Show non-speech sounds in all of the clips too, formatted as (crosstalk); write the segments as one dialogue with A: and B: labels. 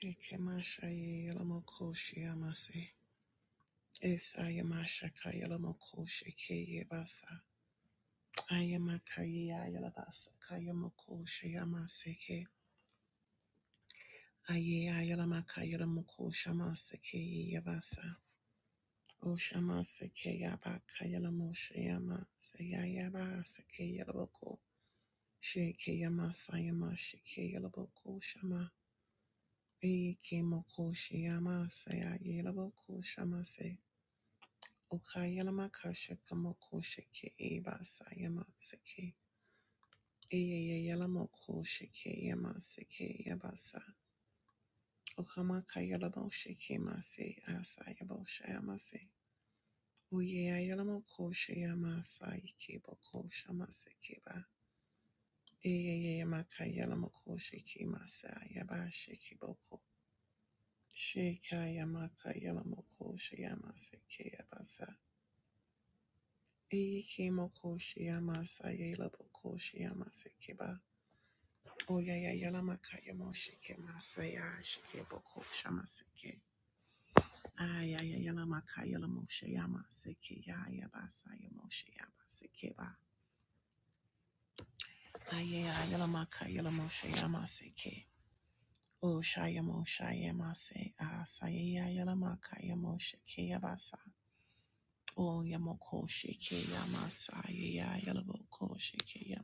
A: Ekemasha ye yelamokoshi amase. Esayamasha kayelamokoshi ke yebasa. Ayamakaye ayelabasa kayamokoshi amase ke. Aye ayelamaka yelamokoshi amase ke yebasa. Oshamase ke yaba kayelamoshi amase yayabasa ke yelaboko. Sheke yamasa yamashi ke Ikemashayelamokoshiamase. Esayamashakayalamokoshikeyebasa. Ayamakayayalabasakayamokoshiamaseke. Ayeyayalamakayalamokoshamasekeyebasa. Oshamasekeyabakayalamoshiyamaseyayabasekeyalaboko. Shekeyamasayamashekeyalamokoshiama. Ekemokoshiyamasayayelamokoshamase. Okayalamakashakamokosheke ebasa yamaseke. Eyeyeyalamokosheke yamaseke yabasa. Okamakayalamosheke mase asa yabosha yamase. Oyeyayalamakoshe yamasa ikebokosha maseke ba. Eyeyeyamakayalamokoshe masa yabashe kiboko. Sheka yamakayalamokosheke yamaseke yabasa. Ikemokoshiamasayelobokoshiyamasekeba. Oyayayalamakayamoshekemasayashikebokoshamaseke. Ayayayalamakayalamosheyamasekeyayabasayamosheyabasekeba. Ayayayalamakayalamosheyamasekeba. O Shayamo Shayamase Asaya Yalamaka Yamosha Kayabasa. O Yamoko Shike Yamasa Yalaboko Shike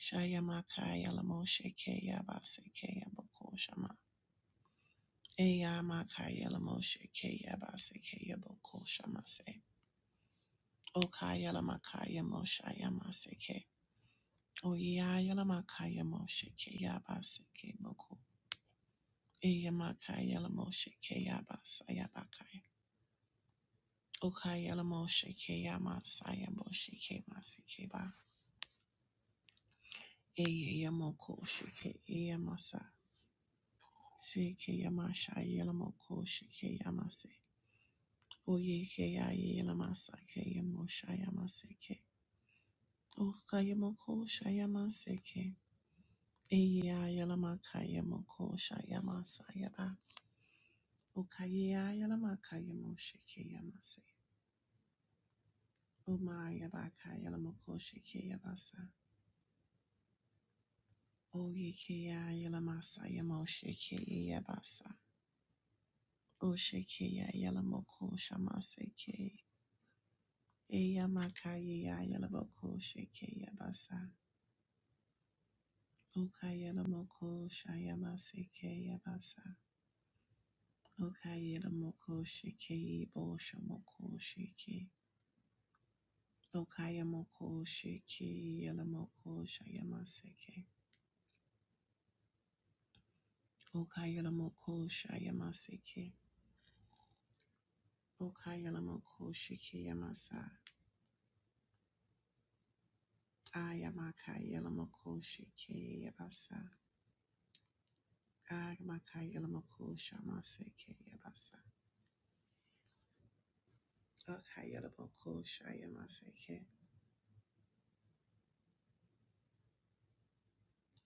A: Shayamataya Lamoshe Keya Basekeya Boko Shama. Eyamataya Lamoshe Keya Basekeya Boko Shamase. Okaya Lamakaya Moshaya Maseke. Oyaya Lamakaya Moshe Keya Baseke Boko. Eyamakaya Lamoshe Keya Basaya Bakaya. Okaya Lamoshe Keya Moshe Ke Ba. Eyamoko Shike Eyamasa. Seke Yamasha Yelamoko Shike Yamase. Oye ke ya ye la masake ye mo shaya masake. O kaya mo ko shaya masake. Eye ya ye la makaya mo ko shaya masaya ba. O kaya ya ye la makaya mo shake ya mase. O ma ya ba kaya la mo ko shake ya basa. O ye ke ya ye la masaya mo shake ye ya basa. O shake ya ye la mo ko shamasake. Eya makaya yalaboko sheke yabasa. Okayamoko Shayamaseke Yabasa. Okayamoko Shiki Boshamoko Shiki. Okayamoko Shiki Yalamoko Shayamaseke. Okayamoko Shayamaseke. Okayamoko Shiki Yamasa. Ayamaka Yalamoko Shiki Yabasa. Ayamaka Yalamoko Shamaseke Yabasa. Okayamoko Shayamaseke.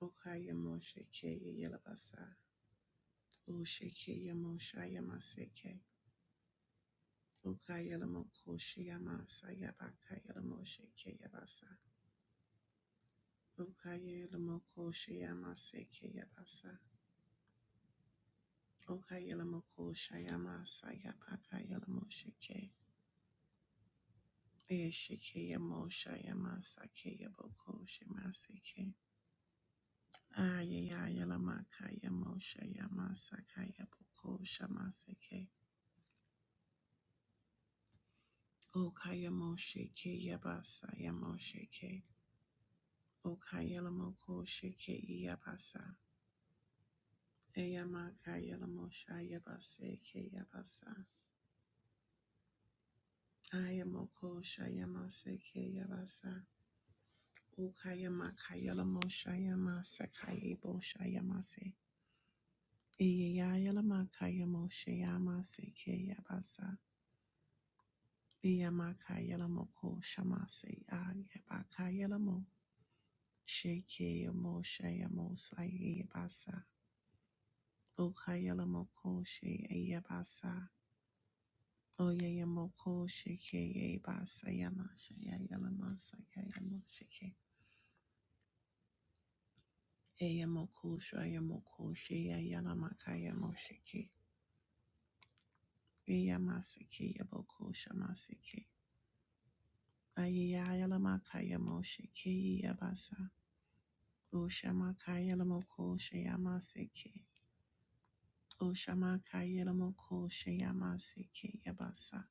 A: Okayamoko Shiki Yalabasa. O sheke sheke sheke, sheke ko shayama sayaba kayelamo sheke yabasa. O kayelamo ko shayama seke yabasa. O kayelamo ko shayama sayaba kayelamo sheke. e Oshikeyamoshayamashike. Okayelamokoshayamasayabayakayamoshikeyabasa. Okayelamokoshayamasekeyabasa. Okayelamokoshayamasayabayakayamoshike. Eshikeyamoshayamasakeyabokoshyamasike. Ayeyayelamakayamoshayamasakayabokoshamasike. sheke. yabasa yamo sheke. Okayalamoko sheke yabasa. Eyamaka yalamo shayabase ke yabasa. Ayamoko shayamase ke yabasa. Ukayamaka yalamo shayamase kayebo shayamase. Eyayalamaka yamo shayamase ke yabasa. Eyamaka yalamoko shamase ayabaka yalamo. Sheke yamo shayamo sayabasa. Okayalamoko shayabasa. Oyeyamoko sheke ye basayama shayayalama sakayamo sheke. Eyamoko shayamoko shayayalamakayamo sheke. Eyamaseke yaboko shamaseke. Ayayalamakayamo sheke yabasa. Oshamakayalamoko shayamaseke. Oshamakayalamoko shayamaseke yabasa.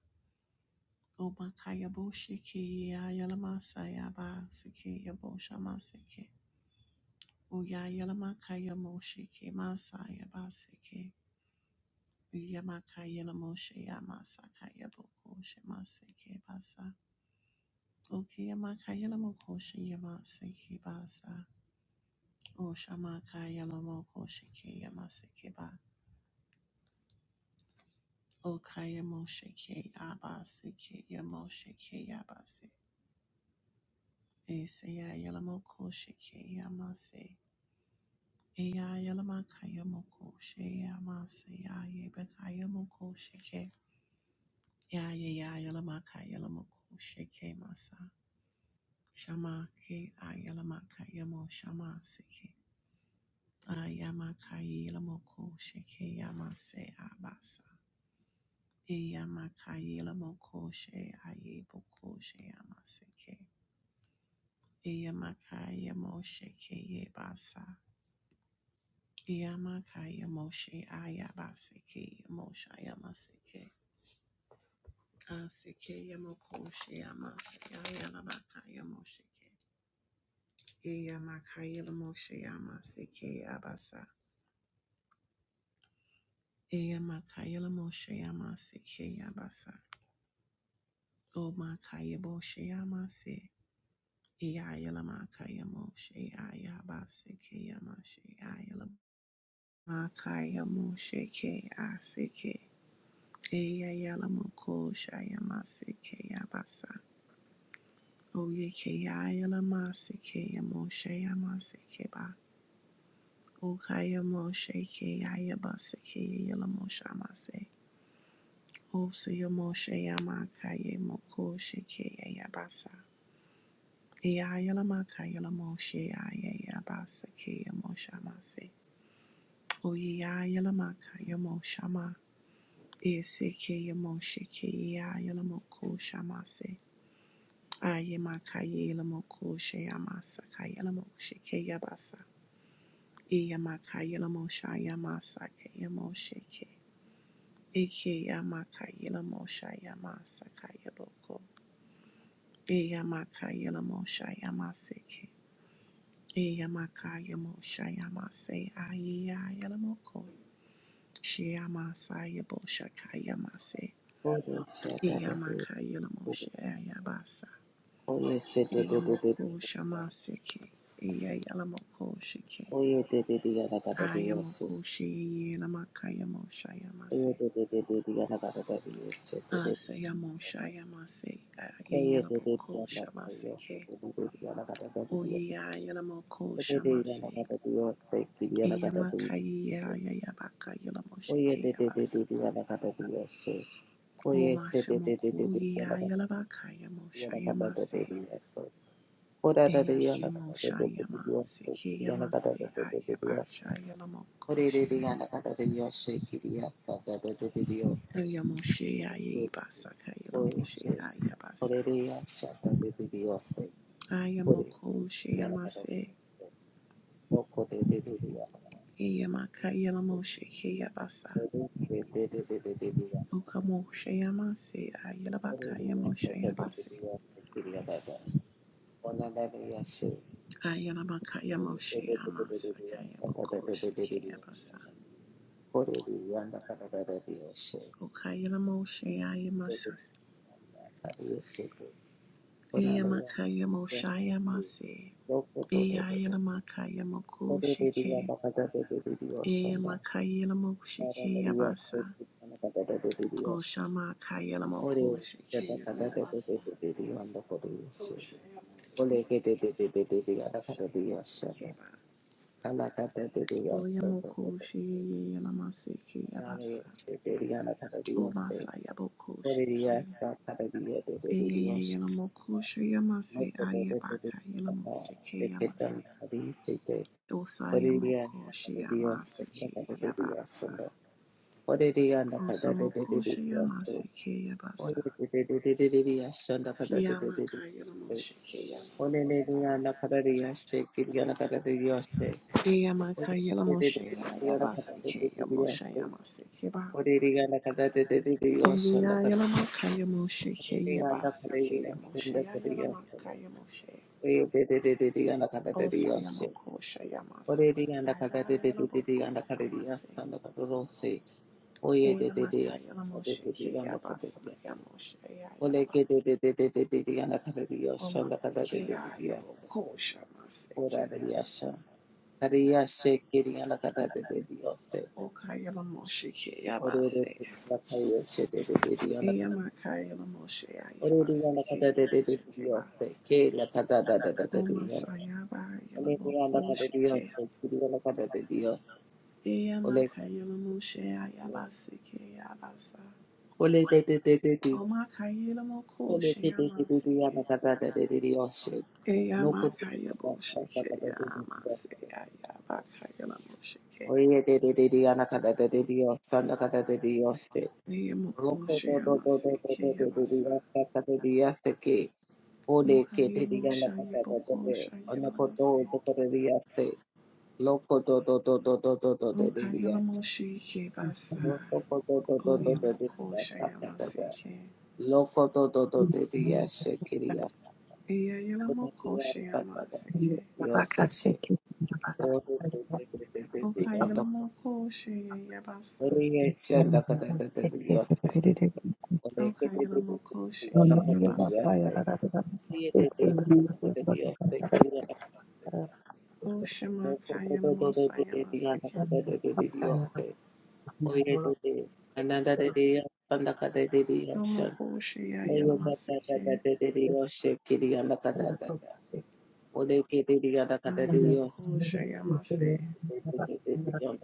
A: Omakayabo sheke yayalamasayaba seke yabo shamaseke. Uyayalamaka Moshe Kemasaya Baseke. Uyamaka Yelamoshe Yamasaka Yaboko Shemaseke Basa. Ukiyamaka Yelamoko Sheyamaseke Basa. Oshamaka Yelamoko Sheke Yamaseke Ba. Okaya Moshe Ke Abaseke Yamoshe Ke Yabase. Eseya Yelamoko Sheke Yamase. Eya Yelamaka Yamoko Sheyamase Ya Yebeka Yamoko Sheke. Ya ya ya yalamaka yalamoko sheke masa. Shamake ayalamaka yamo shama seke. Ayamaka yalamoko sheke yamase abasa. Eyamaka yalamoko she ayeboko she yamaseke. Eyamaka yamo sheke yebasa. Eyamaka yamo she ayabaseke yamo shayamaseke. Aseke yamoko she yamase ayalamaka yamo sheke. Eyamakayela Moshe Yamase Abasa. Eyamakayela Moshe Yamase Abasa. O Makaya Moshe Yamase. Eyayela Makaya Moshe Ayabase Kayamashe Ayala Makaya Moshe K Aseke. Eyayela Moko Shayamase Kayabasa. O Yekayela Mase Kayamoshe Yamase Keba. O Kayamoshe Kayabase Kayela Moshe Yamase. Oseyamoshe Yamakaye Moko Sheke Yabasa. Eyayala Makayala Moshe Yabasa Ke Yamoshamase. Oyayala Makaya Moshama. Eseke Yamoshe Ke Yayala Moko Shamase. Aye Makaye Lamoko Sheyamasa Kayala Ke Yabasa. Eyamakayala Mosha Yamasa Ke Yamoshe Ke. Eke Yamakayala Mosha Yamasa Kayaboko. Eyamaka Yelamosha Yamaseke. Eyamaka Yamosha Yamase Aya Yelamoko. Shiamasa Yabosha Kayamase.
B: Oye,
A: Eyamaka Yelamosha Yabasa.
B: Oye, se te te te te
A: Eyamoko Shamaseke. Eya Yelamoko Shike.
B: te te la cata te la
A: Ayamoko Shi Yelamaka Yamosha Yamase.
B: cata
A: Asa Yamosha Yamase. Aya Yelamoko Shamaseke. Oye Yelamoko Shamase. Yamakayi ya ya ya baka yala moshe ke ya basa.
B: te
A: Oma
B: te te
A: shamoku
B: la
A: ya yala baka ya mosha
B: cata.
A: yamase.
B: Joda te te
A: Eya
B: la
A: shemo
B: cata te te te te te te
A: shayama seke
B: la cata
A: yamase
B: te te te te
A: aya
B: te la.
A: basha yala moko
B: Hallelujah.
A: sheke. Aya moshe ya ye basa ka yala moshe aya basa. Aya moko she yamase. Eya maka yala moshe ke ya basa. Oka moshe yamase ayala baka ya mosha yabase. Ayalamakaya Moshe Amasa Kayabokoshe Kayabasa. Okayala Moshe Ayamasa.
B: Ore
A: Eyamakaya Moshe Amase. Eyayalamakaya Mokoshe Ke. Eyamakaya Moshe Kayabasa. Oshamakaya Mokoshe Kayabasa. Oyamokoshe Yalamase Kayabasa. Omasa Yabokoshe Eyeyeyelamokoshe yamase ayebaka yelamosheke yamase.
B: Hallelujah,
A: Osayamokoshe
B: hallelujah,
A: yamase ke
B: hallelujah,
A: yabasa.
B: hallelujah. Hallelujah, and the kada de de de de
A: Osamokoshe
B: de
A: yamase
B: so.
A: ke yabasa.
B: Hallelujah, de de de de de de, so, and the kada de de de de
A: Kiyamaka
B: de.
A: yelamosheke yamase ke ba.
B: Hallelujah, and the kada de de, shake it, and the kada de de, shake.
A: Eyamaka
B: Hallelujah, de de de
A: yelamoshe
B: de de, and the kada
A: yabase
B: de de de
A: ke
B: de,
A: yamoshe
B: so.
A: yamase ke ba ba
B: Hallelujah, and the kada de de de de, so, and the kada-
A: Eyeyeyeyelamokosheyamase, ke
B: Hallelujah, and the
A: osayamokosheyamasekeyabasa,
B: kada de de, so,
A: osomokosheyamasekeyabasa, kiyamakayelamoshekeyamasekeba, eyamakayelamosheyamasekeyamoshayamasekeba,
B: and the kada de, so, and the- Hallelujah,
A: eyeyayelamokayamoshekeyamasekeyamoshayayelamakayamoshe.
B: de de de de de, and the kada de de, shake.
A: Osayamokosha yamaseke
B: Hallelujah, and the kada de de de de, and the kada de,
A: yayayalabokoshamase
B: so, and the kada de, so. Oye de de de yanda kada de de
A: eyamakayalamoseke
B: de yanda kada de
A: yabasa
B: de
A: yamoshe
B: Ole ke de
A: yayalabasa
B: de de de de de de yanda kada de ya. Shanda kada
A: omaseke
B: de de de de ya.
A: yayabokoshamaseke
B: Ora de ya sha.
A: yabasa
B: Kare ya she ke de yanda kada de de de ya se.
A: okayalamosheke
B: Ore de
A: yabase
B: de de la kai ya she de de de de yanda.
A: eyamakayalamoshe
B: Ore de yanda
A: yayabaseke
B: kada de de de de
A: yamosheke
B: ya
A: ba
B: se. Ke la kada da da da da de ya.
A: omasayaba
B: Ole de yanda kada de ya
A: yalabokosheke
B: se. Ke de yanda kada de de ya se. Ole
A: eyamakayalamoshe yayabaseke yabasa
B: Ole de de de de de.
A: Omakaye namoko
B: Ole de de de de de
A: sheyamaseke.
B: yanda kada de de de ya.
A: Eya
B: No good.
A: makaya bosheke ya maseya ya bakaya namosheke.
B: Oye, de de de de ana kada de de Dios, santa kada de Dios te.
A: Eya moko
B: Roko do do do do do
A: sheyamaseke ya
B: do do do
A: basa.
B: Dios, santa de Dios te que. Ole que
A: Okaye
B: de de ana
A: mosha ye
B: kada de de
A: boko
B: de.
A: shaya
B: Ana
A: namase.
B: kodo do do de Dios te. Loko do do do do do do do de de
A: Okaye
B: Dios.
A: namosheke basa.
B: Loko do do do do do
A: Oya
B: de
A: moko
B: Dios, santa de de.
A: sheyamaseke.
B: Loko do do do de Dios, te que Dios.
A: Eya
B: Ona
A: yalamoko
B: Dios, santa de
A: sheyamaseke.
B: Dios te que. Ole de de de de de
A: Okaye
B: de.
A: namoko sheya basa.
B: Oriye shanda kada da da da yose. Ole kete
A: Okaye
B: de de de
A: namoko
B: de gana
A: sheke ya
B: kada de
A: basa.
B: yose. Oriye de de kada da de yose. Kiri gana kada de yose. No
A: Oshamakaya
B: kodo do do do de
A: Namosaya
B: de de gana
A: Masike.
B: kada de de de yose. Oriye de de ananda de de shanda kada de de yose.
A: Yomokoshiya
B: Oriye
A: Yelamasike.
B: de de de yose. Kiri de gana kada de yose.
A: Ayamokoshaya Masi.
B: De de de de de gana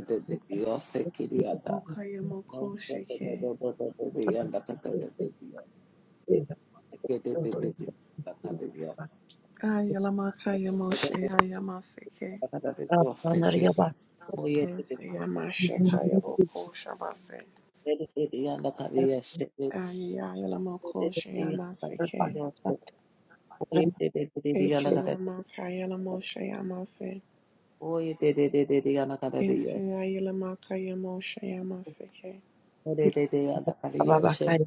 B: de de de No, temper and
A: Okayamokoshike.
B: the Catatoria.
A: Ayelamakaya
B: the
A: Moshiya Yamasike.
B: Catadia. Oh, yes, it is.
C: Thank
A: Esayamashakaya Bokoshamase.
B: And the Cadia said it.
A: Ayelamokoshaya Masike. Ekiyamakaya Namoshaya Masi.
B: Oh, it did the Anacadario.
A: Esayelamakaya Moshaya Masike.
B: Oh, they did the Andacadia said.
C: you.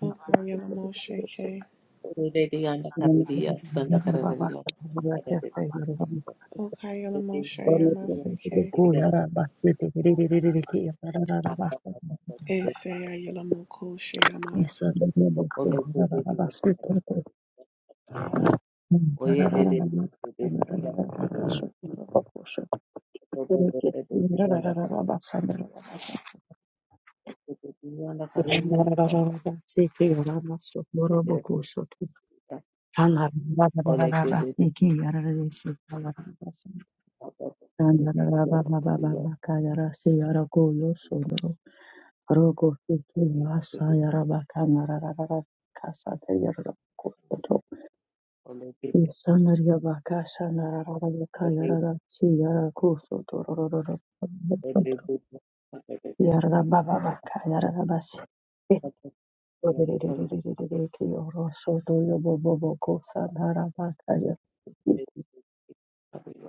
A: Okayelamoshike.
B: Oh, they did
A: Okayelamoshaya Masike.
B: the Oye,
A: Eseya yelamoko sheyama.
C: Yarabakaya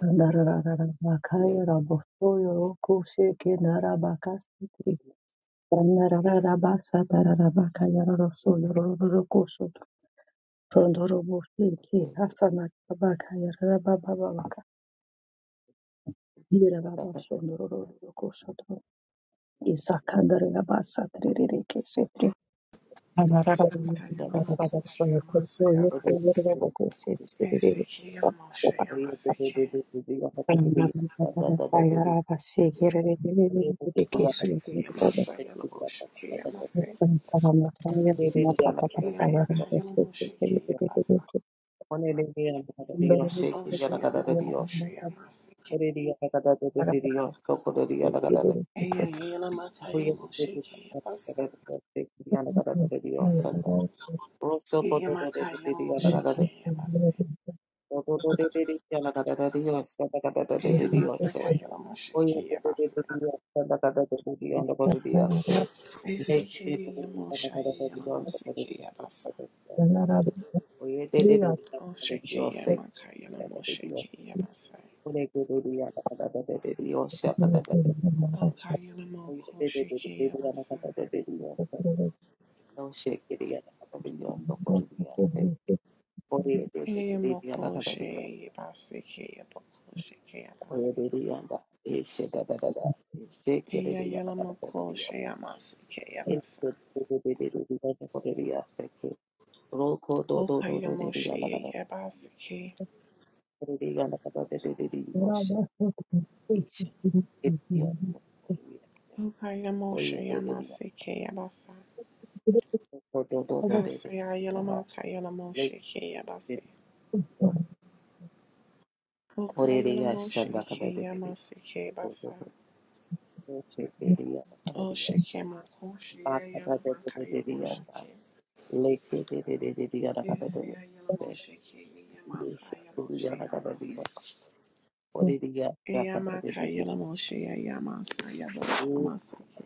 C: Andarararabakaya rabosoyo rokosheke narabakasitri. Andarararabasatarakaya rarosoyo rorokosho. Tondorobosheke hasanakabakaya rarababababaka.
B: Dios, Dios,
C: Irarabashondororokosho to. Isakandarabasatririkesetri. Andarararabakaya
A: Yelamoko sheyama
C: rarosoyo
A: seyaba. Eseki yelamo
C: rorokoshetririkesetri.
A: sheyama seki.
C: Thank
A: Oseki yama seyelamo sheki yama se. Yama kayelamo sheki yama sa.
B: Dios,
A: Osheyamoko
B: Dios,
A: sheyama seki. Eya yelama kayelamo sheki yama sa. Yama kayelamo sheki yama se.
B: O to to de de de ya na ka da da de yo sa da ka da da de de
A: Eya
B: de yo
A: masa
B: se.
A: kayelamo
B: O yo
A: sheki
B: to to
A: yama
B: de
A: se.
B: de de ya sa da ka da da de de yo na ka de de ya se. Ne ki de
A: Eseki
B: de de
A: yelamo
B: sa da ka da da de yo
A: sheyama
B: na ka de de
A: seki
B: ya sa
A: yama
B: da de ya. O ye de de de de ya
A: Oh,
B: ka de de yo
A: Shekiah,
B: se
A: Makayala
B: da ka de de yo.
A: Moshekiah Basa.
B: O ne ki de de ya na ka da da de de de yo se ka da da de de yo se.
A: Oh, Kayala
B: O ye
A: Moko
B: de de de de
A: Shekiah
B: de ya na ka
A: Basa.
B: da da de de yo se. No shake, it ya na ka da de yo na ka de de ya se. O ye de de
A: Eya
B: de de ya na
A: Moko
B: ka da de yo
A: Shekiah Basa, Keya Boko Shekiah Basa.
B: Oyeririyanda, eshedadadada,
A: Eya Yala Moko
B: eshekereriyandadadadadiya,
A: Shekiah Basa, Keya Basa.
B: eshekereriyandadadadadiyaseke,
A: Oh, Kayala Moshekiah
B: rokododododododiyandadadadadiya,
A: Basa, Ke.
B: koreriyandadadadadiyosha, isha, kereriyandadadadiyaseke,
A: Oh, Kayala Moshekiah Basa,
B: oyeririyanda,
A: Keya Basa. Asa Yala
B: rokodododododiyanda,
A: Makayala Moshekiah Basa.
B: lekereriyanda,
A: Oh, Kayala Moshekiah
B: koreriyashandakadadadadiya,
A: Basa, Ke Basa. Oh, Shekiah
B: rokodododododiyandadadadiyaseke,
A: Moko Shekiah Basa,
B: makadadadadadiyanda,
A: Kayala
B: Nakata
A: Eseya yala moshe ke yama saya moshe amase. Eyama ka yala moshe yama saya moshe amase ke.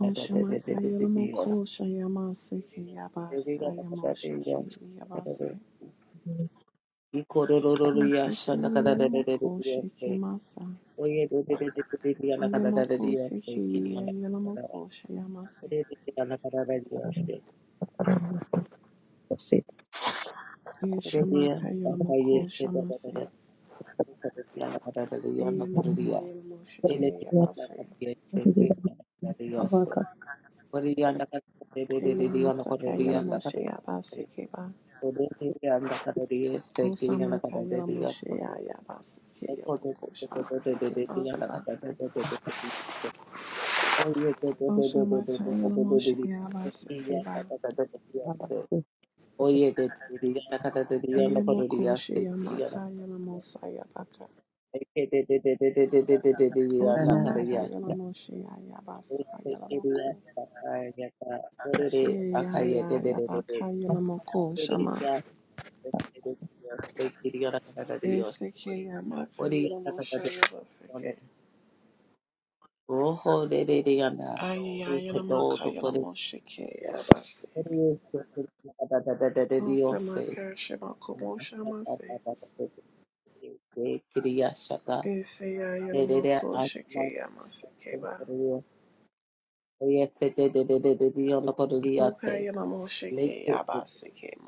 A: Oshama ka yala moko shayama se ke yaba saya moshe ke yaba se. Ose ke yala moko she ke masa. Yama ko she ke yala moko shayama se. Eshama
B: Kururia,
A: ka yala
B: Bakaye,
A: moko
B: Seda,
A: shama se.
B: Bada, Kururia, Bada,
A: Eyama ka
B: Kururia,
A: yala moshe ke
C: you.
B: Elekita,
A: yaba se.
B: Bakaye,
C: I'm
B: Seda,
C: going
B: Bada,
C: to go
B: Kururia, Kururia,
A: Eyama
B: Kururia,
A: sa ka yala
B: Kururia,
A: moshe yaba se ke ba.
B: Kururia, Sekiri,
A: Osama Kayela
B: Kururia,
A: Moshe Yaya Basike Yaboko Shamasike Basa Oshama Kayela Moshe Yabasike Ba
C: to the
B: Oye, de Diana Catadriana
A: Yamoko Shayama Kayela
B: Corodias,
A: Mosa Yabaka Osama Kayela Moshe Yaya Basa Yala Moko Shayaya Yabaka Yala Moko Shama Esike Yama Kayela Moshe Yabasike Ayaya Yala Maka Yala Moshe Ke Yabase Osama
B: Dios,
A: Kashima Komo Shamase Eseyayalomoko shekeyamasakeba.
B: Yes, Oyete de de de de de de the kodo liyase. Leke de de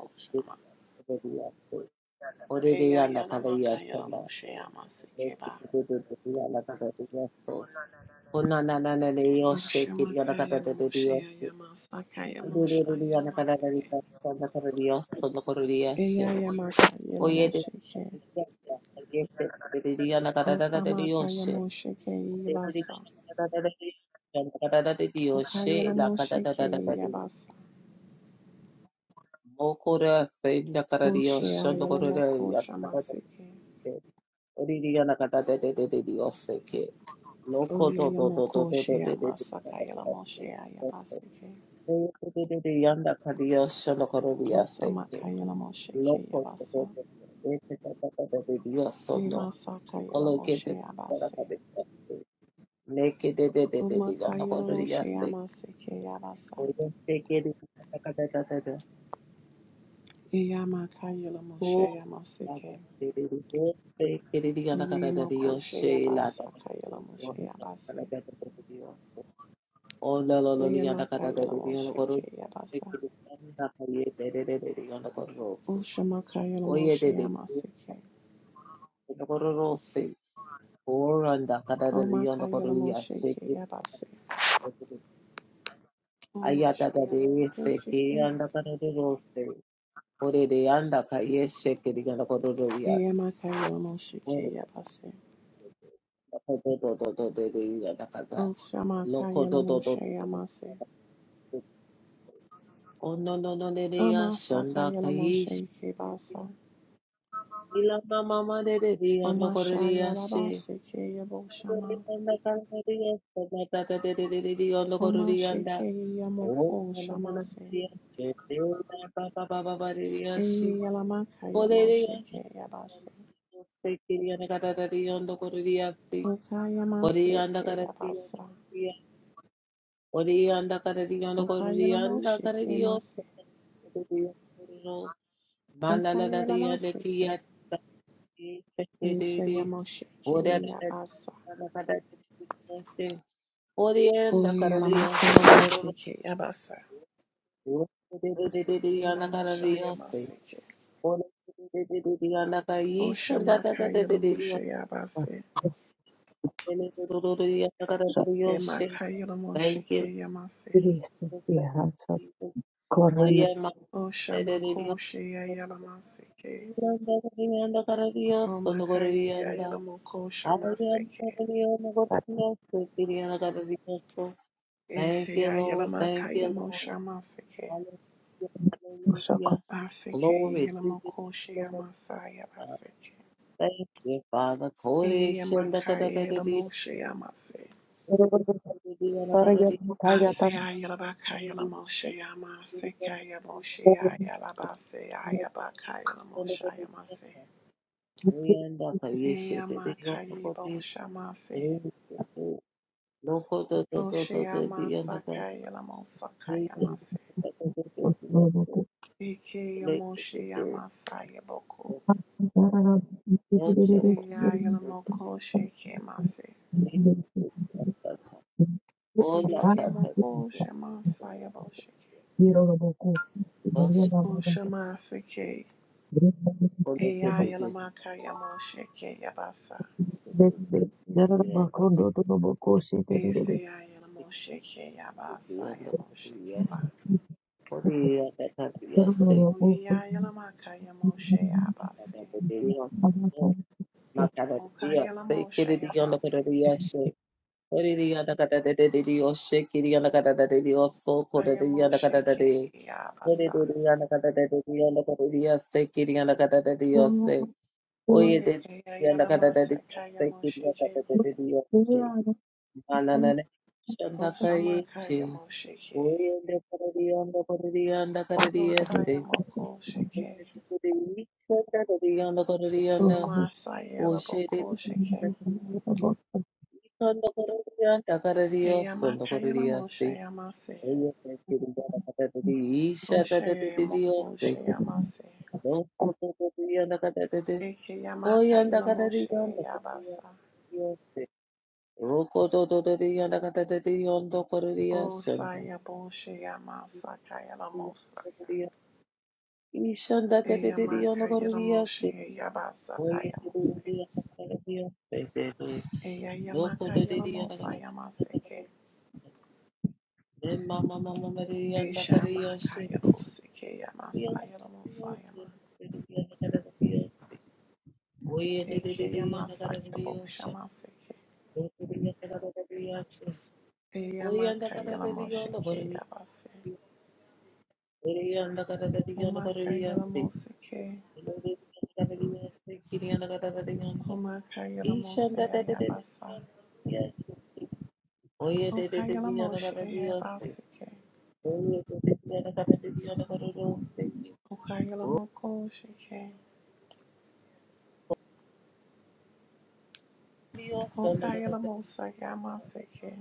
B: de de kodo liyase. Ode de the kada yashana. Leke
A: Eyayalamakayalamosheyamasekeba.
B: de de de de yanda the de yaso. Kona na na na de yoshe kiri yanda kada de de de yoshe. Ode de the de yanda the de
A: Oshamakayalamosheyamamasakayamoshayalamasake.
B: yaso. the kada de yaso no kodo liyashe. Oyete
A: Eyayamakayamosheke.
B: de de de yese. the de de yanda kada de de de yoshe. Ode de the de
A: Osamakayamoshekeibasa.
B: yanda the de de the yoshe. Yanda kada de de de yoshe. La kada de de de de yoshe.
A: Okayalamoshekeibasa.
B: Mokura senda karadio shondo korore
A: Oshayalomoko
B: yakatakatake.
A: shamasake.
B: Oriri yanakata de de de de de oseke. Loko to to to to to to de de de yanakatate.
A: Oyayamokosheyamamasakayalamosheyamasake.
B: Oyo to de de de yanakadio shondo korore yaseke.
A: Osamakayela Moshe
B: Loko to
A: Kayabasa.
B: to to to. de de de yosono.
A: Emasakayela
B: Kolo ke
A: Moshe
B: de de
A: Abase.
B: yanakate. Neke de de de de de
A: Umakayela
B: yanakorore
A: Moshe
B: yaseke.
A: Amase Kayabasa.
B: Oyo seke de de de de de.
A: Eyamakayela
B: Oh,
A: Moshe Amase
B: la da
A: Kay.
B: da da da da, se que le diga la cara de Dios,
A: Uyamakoshe
B: she la
A: Abasa
B: da da
A: Kayela
B: da Dios,
A: Moshe Abase.
B: la da da da Dios. Oh, la la la liga la cara de
A: Eyamakayela
B: Dios, la
A: Moshe
B: coro, se
A: Kayabasa.
B: que le da la ye de de de de Dios, la coro, se.
A: Ushamakayela
B: Oye de
A: Moshe
B: de Dios,
A: Amase Kay.
B: la coro, ro, se. Oh, anda cara de Dios, la coro,
A: Omakayela
B: ya
A: Moshe
B: se que
A: Kayabase.
B: ay da da
A: Omashayela
B: de se
A: Moshe
B: que anda
A: Kayabasa.
B: cara de Dios, se. Ore de de anda calle, se que diga la coro, ro, ya se.
A: Eyamakayela Moshe
B: Ore,
A: Kayabase.
B: la coro, ro, ro, ro, de de diga la cara.
A: O Shamaka
B: Loko to to to
A: Yelamoshe
B: to to.
A: Yamase.
B: to. Oh no no no de de ya
A: Omasaka
B: shanda kai.
A: Yelamoshe Kebasa.
B: Ila mama ma de de de ya no kore de
A: Omasha
B: ya she.
A: Yalabase Keyabo Shama.
B: Anda kara de ya shanda ta ta de de de de de ya no kore de ya nda.
A: Omashike
B: Oh
A: Yamoko
B: no no no no
A: Shamase.
B: de ya she. De na ba ba ba ba ba de de ya she.
A: Eye Yalamaka
B: Kore de ya
A: Yamoshe
B: na de
A: Keyabase.
B: ya she. Se kiri ya na kara de ya no kore de ya she. Kore ya
A: Okayamase
B: na kara de
A: Keyabasa.
B: ya. Oriyanda karariyanda koriyanda
A: Okayelamoshe
B: karariyo
A: Kemase.
B: kororo mandala dariyanda
A: Akayelamase Ke.
B: kiyata
A: Ese
B: kekere
A: Yamoshe
B: oriyanda
A: Keyabasa.
B: karariyanda oriyanda
A: Oye Yalamaka
B: karariyo sondo kororo
A: Yamoshe Keyabasa. Ese
B: oriyanda
A: Yamosha
B: karariyo
A: Yamase Ke.
B: oriyanda kayisha
A: moshe
B: data data
A: moshe moshe yabase,
B: thank you
A: yamase.
B: Jesus. oriyanda
A: Oshamako Shayela Maseke,
B: Yanda Karadios,
A: omakaya
B: Nogorianda.
A: Yela Moko
B: I am
A: shamaseke.
B: Nogorios, Kiriana Karadios. Thank you,
A: Esia Yela
B: Lord. Thank you,
A: Makaya
B: Lord.
A: moshamaseke,
B: Hallelujah. Glory to you, Lord. God.
A: Oshamakayelamosheyabase.
B: Thank you, Father.
A: Emakayelamoshekeyamase. Oshamakosheyayamaseke. Omakayelamokoshamaseke.
B: Kore Shanda
A: Eseyayelamakayamoshamaseke. Asekeyelamokosheyamasayamaseke.
B: Karadios.
A: moshe yamase.
B: Kiriana Karadios.
A: Asia
C: bathroom.
A: Yela Bakayela Moshe Yamaseke Yamoshia Yalabase Ayabakayela Moshe Yamase.
B: Yanda Kayeshe, Kiriana
A: Eyamakaye Boshamase.
B: Karadios. Loco
A: Osheyamasakaya
B: leading
A: Lamosakayamase.
B: Shake
A: Ike Yamosheyamasaya Boku. Eyayalamoko Shekemase. Oyikemoko Shemasaya Bosheke. Oshamaseke. Eyayalamakayamoseke Yabasa. Eseyayalamosheke Yabasa Yamosheke Ba. Oyeyayalamakayamoshe Yabase. Okayalamosheyamase
B: so,
A: Ayamoshike
B: Oye,
A: Yabasa.
B: de diría la cata de Dios, la cata de Dios, se quería la cata de Dios, se. Oye, de
A: Oyeke
B: diría la cata de Dios,
A: Yalamasa
B: se quería la
A: Moshike
B: de Dios, se. Mananana, shanda
A: Osama
B: kaye, se.
A: Kayamoshike.
B: Oye, te diría la cata de Dios, la cata de Dios, se.
A: Osayamoko Shike.
B: Oye, de diría la cata de Dios, la cata de Dios, la. Oye, te
A: Sumasayelaboko
B: diría la
A: Shike.
B: de Dios, se. Ikanda kara Dios, la cata de Dios, son la de Dios,
A: Eyamakayelamosa
B: se.
A: Yamase.
B: Oye, te diría la cata de Dios, la de Dios,
A: Oshayamoko
B: se.
A: Shayamase.
B: Oye,
A: Eke Yamakayelamoshe Yabasa. Osayaboshe Yamasa Kayelamosa. Eyamakayelamosa Yabasa Kayamose. Eya yamaka yalamosa yamaseke. Eisha maka yaboseke yamasa yalamosa yama.
B: de de de
A: Eke
B: de, anda
A: yamasa
B: cara de Dios.
A: yabokshamaseke.
B: Oye,
A: Eya maka yalamosheke yabase. Omaka yalamoseke. Omaka yalamose yabasa. Oka yalamoshe yabaseke. Oka yalamoko sheke. Oka yalamosa yamaseke.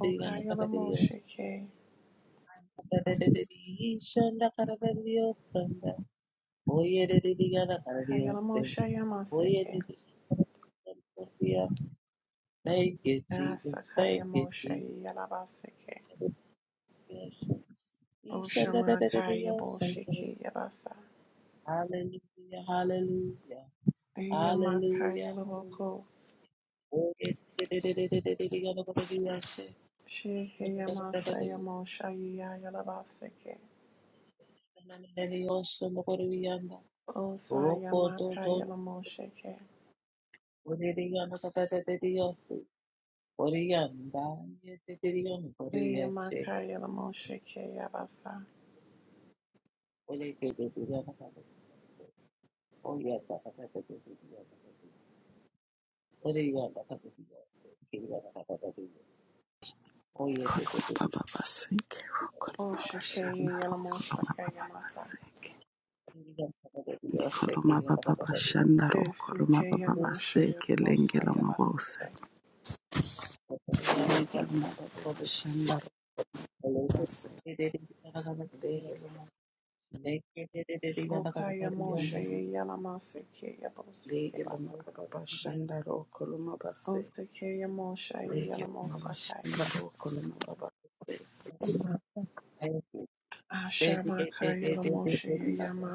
A: Oka yalamosheke.
B: Shanda Karadio Sanda. Oye Diana Karadio Sanda. Oye
A: Kayalamoshayamase
B: Diana. Thank you, Jesus.
A: Asakaya
B: Thank you, Jesus.
A: Moshe Yalabaseke.
B: Shanda
A: Oshamakaya
B: Karadio Sanda.
A: Bolshiki Yabasa.
B: Hallelujah, hallelujah, hallelujah,
A: Ayamakaya
B: hallelujah.
A: Laboko.
B: Oye Diana Karadio Sanda.
A: Shiki
B: Karadio Sanda
A: Yamasa Yamosha Yalabaseke.
B: Karadio Sanda.
A: Osa Yamakaya
B: Roko
A: Lamosheke.
B: Oriyana kata tete diyosi. Oriyanda yete tete diyana koriyashe.
A: Ayamakaya Lamosheke Yabasa.
B: Oleke tete diyana kata tete. Oriyanda kata tete diyana kote. Oriyanda kata diyosi. Kiriyana kata tete diyosi. Oyete
D: Koloma
B: tete
D: baba shandaro,
A: Oshake
B: diyana kote.
D: koloma
A: Yalamosaka
D: baba
A: Yamasa.
D: seke,
B: Kiriyana kata tete diyosi. Kiriyana kata tete diyana
D: Kolomababaseke, rokolomabashandaro, kolomababaseke. Kolomababashandaro,
A: Esike
B: kote.
A: Yamasha
D: kolomababaseke,
A: Yamosa
D: lengelomabose.
A: Yabaseke.
B: Oriyanda kata tete kote.
D: Lengelomababashandaro,
B: Oleke
D: baseke,
B: tete diyana kata tete.
D: lengeloma-
B: Neke tete diyana kata
A: Okaya
B: tete
A: Moshe
B: diyana.
D: lengeloma-
A: Yalamaseke Yaboseke Basa.
B: Kiriyana kata
D: lengelomababashandaro, kolomabase.
A: Okay, Okayamo
B: tete.
A: Shai
D: Lengelomabashandaro, kolomababaseke,
B: diyosi. Thank
D: shandaro, kolomabase.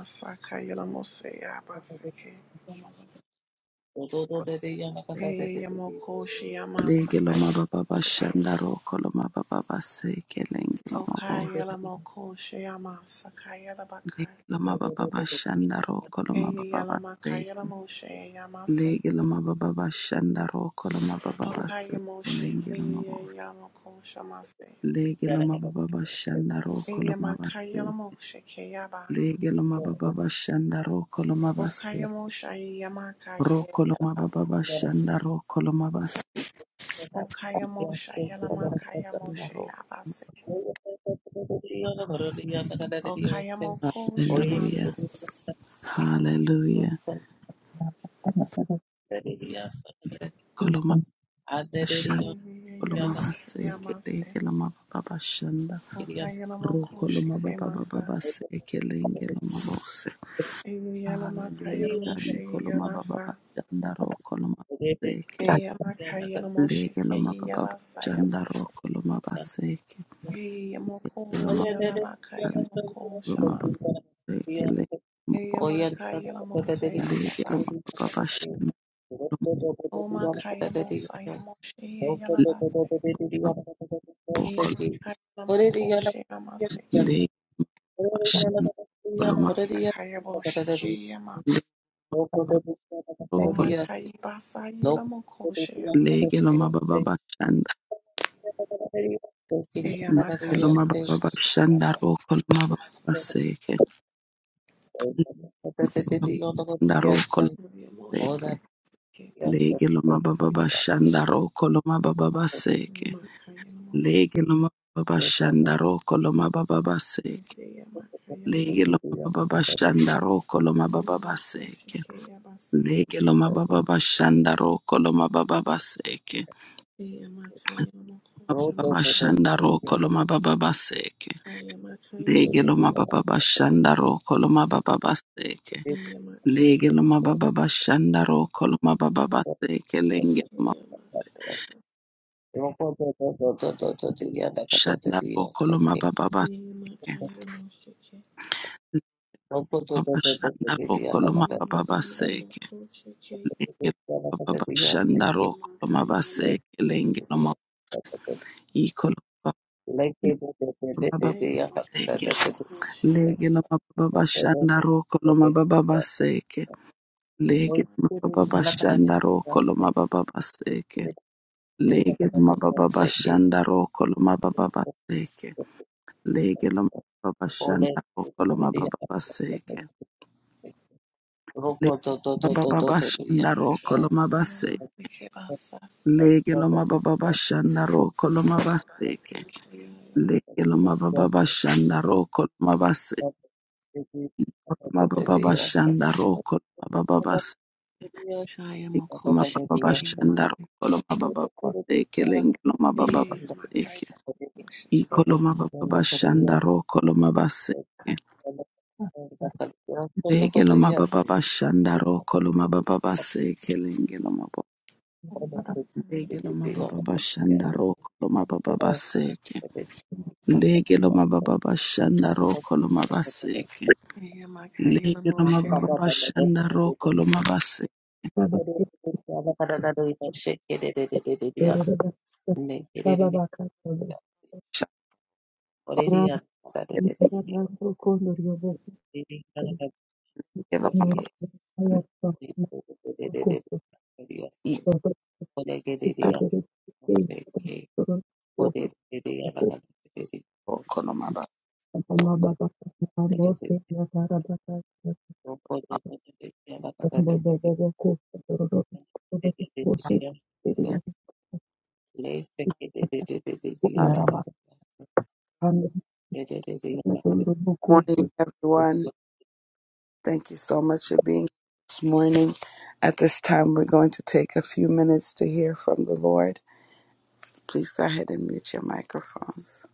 D: Lengelomababashandaro, kolomababaseke, lengelomabose. Loma baba bashanda roko loma baba baseke. Lege loma baba bashanda roko loma baba baseke. Lege loma baba Lege loma baba bashanda roko loma baseke. Lege loma baba bashanda roko loma baseke.
A: Yamakai
D: ro koloma baba bashanda ro koloma baseke.
A: Okayamo
D: Baba
A: Shayalama Kayamo
D: bashanda roko.
A: Shayabase. Okayamo Ko
D: Hallelujah.
A: Shamase.
D: Hallelujah. Koloma bashanda koloma
A: Yelamo
D: baseke.
A: Shayamase.
D: Lege loma baba bashanda.
A: Okayamo Ko
D: Rokoloma baba baba
A: Shikemasa.
D: base ekelengelo mabose.
A: Yelama
D: Hallelujah.
A: Kayamo
D: Gadi koloma baba
A: Shayabasa.
D: bajanda rokoloma baseke.
A: Eyama Kayamo
D: Legelo
A: Shike
D: mababa
A: Yabasa
D: bajanda
A: Yamoshe.
D: rokoloma baseke.
B: you.
A: Eyamo Ko
B: Loco,
D: Loma
A: Yalama
D: bajanda
A: Kayamo Ko
D: loma
A: Shama.
D: baseke lege loma bo.
A: Eyama Kayamo
D: Lege loma
A: Sayabasa.
D: baba seke legelo
A: Oma Kayamo Sayamoshe
D: mabo.
A: Yalabasa.
D: Legelo mababa bashanda loma rokol.
A: Yema kayama koshe amaseke.
D: Legelo bashanda koloma
A: Amasa kayabo shike yema.
D: legelo
A: Oma
D: rokol.
A: Yamakayamokoshe
D: Legelo
A: Yamaseke
D: mababa bashanda. Legelo mababa bashanda
A: Amasakayaboshe
D: rokoloma baseke. Ndaro koloseke.
A: Yama
B: Yes, yes,
D: Lege loma
B: yes,
D: baba
B: yes,
D: bashanda ro koloma baba
B: yes,
D: baseke.
A: Omakayibasayamokoshe Yamaseke Yamakayamoshe Yamaseke
D: Lege loma baba
B: yes, yes,
D: bashanda
B: yes,
D: ro koloma baba
A: Yamakayamoshe
D: baseke.
A: Yese
D: Lege
B: yes,
A: Yamakayamoshe
D: loma
B: yes.
D: baba
A: Yamaseke
D: bashanda ro koloma baba
A: Yamokoshe
D: baseke.
A: Yabasa
D: Lege loma baba bashanda ro koloma baba baseke.
A: Yamakayamokoshe
B: Road,
D: Baba
B: road, road,
A: Yamasa
B: road,
D: bashanda
B: road,
D: ro
B: yes, yes,
D: koloma baba baseke. Lege
B: yes,
D: loma
A: Yamakayamasa
D: baba bashanda ro koloma baba baseke.
B: yes,
D: Lege
A: Yamakayamasa
D: loma
B: road,
D: baba bashanda ro koloma baba
B: road, road, road, road,
A: Yamaseke
D: baseke.
B: road. Road, road, road, road, road, road, road, road, yes, yes, yes, yes, yes, yes, yes. Road, road, road, road, road, road, road, yes, yes, yes, yes, yes,
D: Shanda
B: yes.
D: Bokoloma Baba Baseke.
A: Yamakayamoshe
B: Road, road, road, road, road,
D: Baba
B: road,
D: Shanda
B: road, yes, yes,
D: Bokoloma Baba
A: Shaya
D: Baseke. Lenge Baba
B: yes,
D: Shanda
B: yes, yes, yes.
D: Rokoloma Baseke. Lenge Loma Ikoloma
B: Like it, it, it, it, it,
D: Baba
B: it, yes, yes, yes, yes,
D: Baseke.
B: yes, yes.
D: Lege Loma Baba
B: Road, road, road,
D: Shanda Rokoloma
B: road,
D: Baba Baseke.
B: road, road, road, road, yes, yes.
D: Lege
B: road. road,
D: Loma
B: road, road, road,
D: Baba
B: road, yes, yes,
D: Shanda
B: yes, yes, yes.
D: Rokoloma Baba Baseke. Lege Loma Baba
B: Thank
D: Shanda Rokoloma Baba Baseke. Lege Loma Baba Shanda Rokoloma Baba Baseke. Le Baba Bashandaro Kolomabase, Legeloma Baba Bashandaro Kolomabaseke, Legeloma Baba Bashandaro Kolomabase, Koloma basse koloma Baba Bashandaro Kolomababase, Loma Baba Bashandaro
C: Thank
D: Kolomababaseke, Lengeloma Baba Baseke, Ikoloma Baba Bashandaro Kolomabaseke, Legeloma Baba Bashandaro Kolomababaseke, Lege lo mababa
B: you.
D: bashanda roko lo mababa baseke. Lege lo mababa bashanda roko lo mabaseke.
A: Makaya
D: Lege lo mababa
A: Moshe
D: bashanda roko lo mabaseke. Lege lo mababa
B: Thank
D: ikla
C: you.
D: roko lo mabaseke.
C: Mama baba baba mose na tara baba baba baba baba ko toro do ko da bose
B: you.
D: Yeah.
B: Lay sick it,
C: ko
D: Uh, Good
C: yara ba an na toro do ko
D: Morning,
C: se
D: everyone. Thank you so much for
B: Yes.
D: being here this morning. At this time, we're going to take a few minutes to hear from the Lord. Please go ahead and mute your microphones.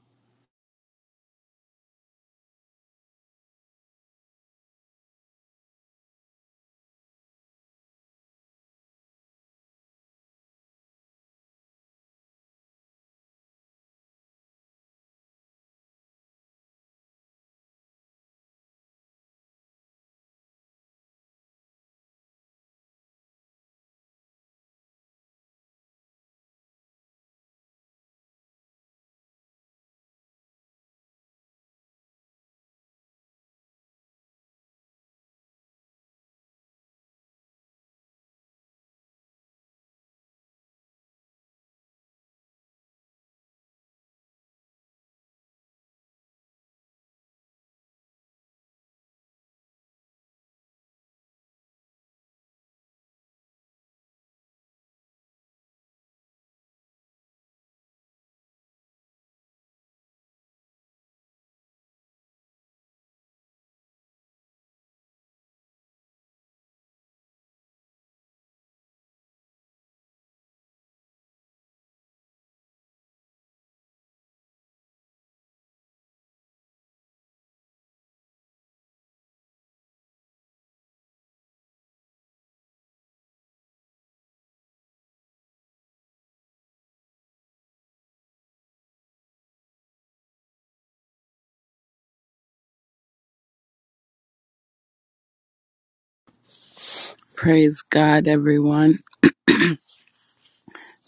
D: Praise God, everyone.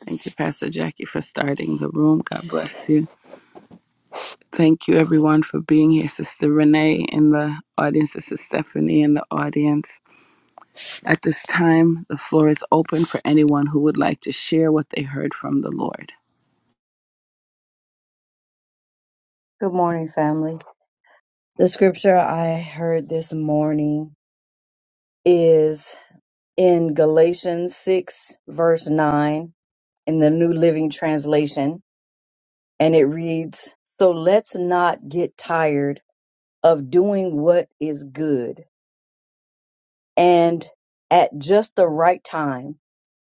D: Thank you, Pastor Jackie, for starting the room. God bless you. Thank you, everyone, for being here. Sister Renee in the audience, Sister Stephanie in the audience. At this time, the floor is open for anyone who would like to share what they heard from the Lord.
C: Good morning, family. The scripture I heard this morning is in Galatians 6, verse 9, in the New Living Translation, and it reads So let's not get tired of doing what is good, and at just the right time.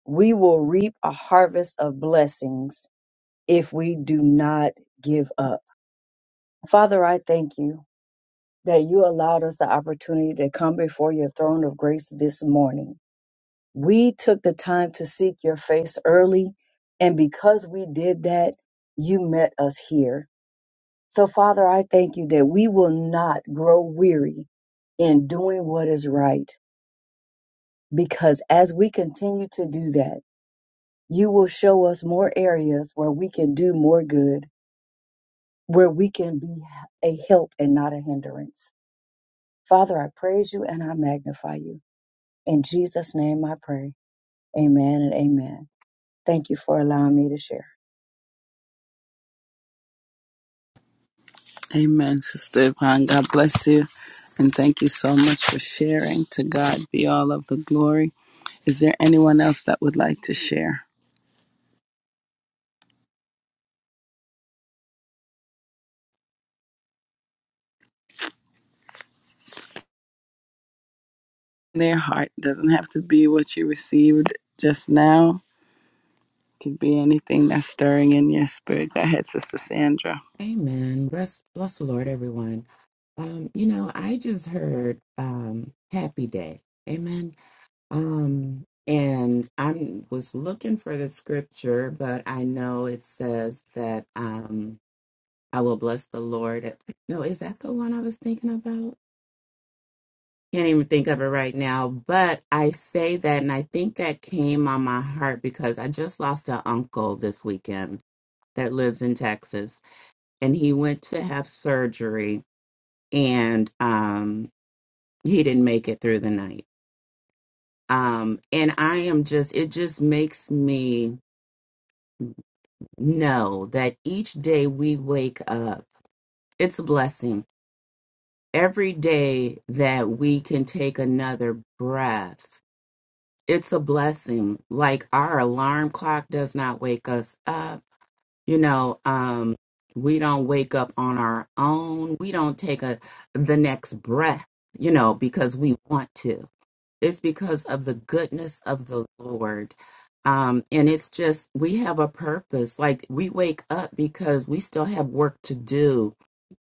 C: we will reap a harvest of blessings if we do not give up. Father, I thank you that you allowed us the opportunity to come before your throne of grace this morning. We took the time to seek your face early, and because we did that, you met us here. So, Father, I thank you that we will not grow weary in doing what is right, because as we continue to do that, You will show us more areas where we can do more good, where we can be a help and not a hindrance. Father, I praise you and I magnify you. In Jesus' name I pray. Amen and amen. Thank you for allowing me to share.
D: Amen, Sister Yvonne. God bless you. And thank you so much for sharing. To God be all of the glory. Is there anyone else that would like to share? Their heart doesn't have to be what you received just now Could be anything that's stirring in your spirit. Go ahead, Sister Sandra.
E: Amen. Bless, bless the Lord, everyone. Um, you know, I just heard um, "Happy Day." Amen. Um, and I was looking for the scripture, but I know it says that um, I will bless the Lord. at- No, is that the one I was thinking about? Can't even think of it right now. But I say that, and I think that came on my heart because I just lost an uncle this weekend that lives in Texas, and he went to have surgery and um he didn't make it through the night um and i am just it just makes me know that each day we wake up it's a blessing every day that we can take another breath it's a blessing like our alarm clock does not wake us up you know um we don't wake up on our own we don't take a the next breath you know because we want to It's because of the goodness of the Lord. Um, and it's just, we have a purpose. Like we wake up because we still have work to do.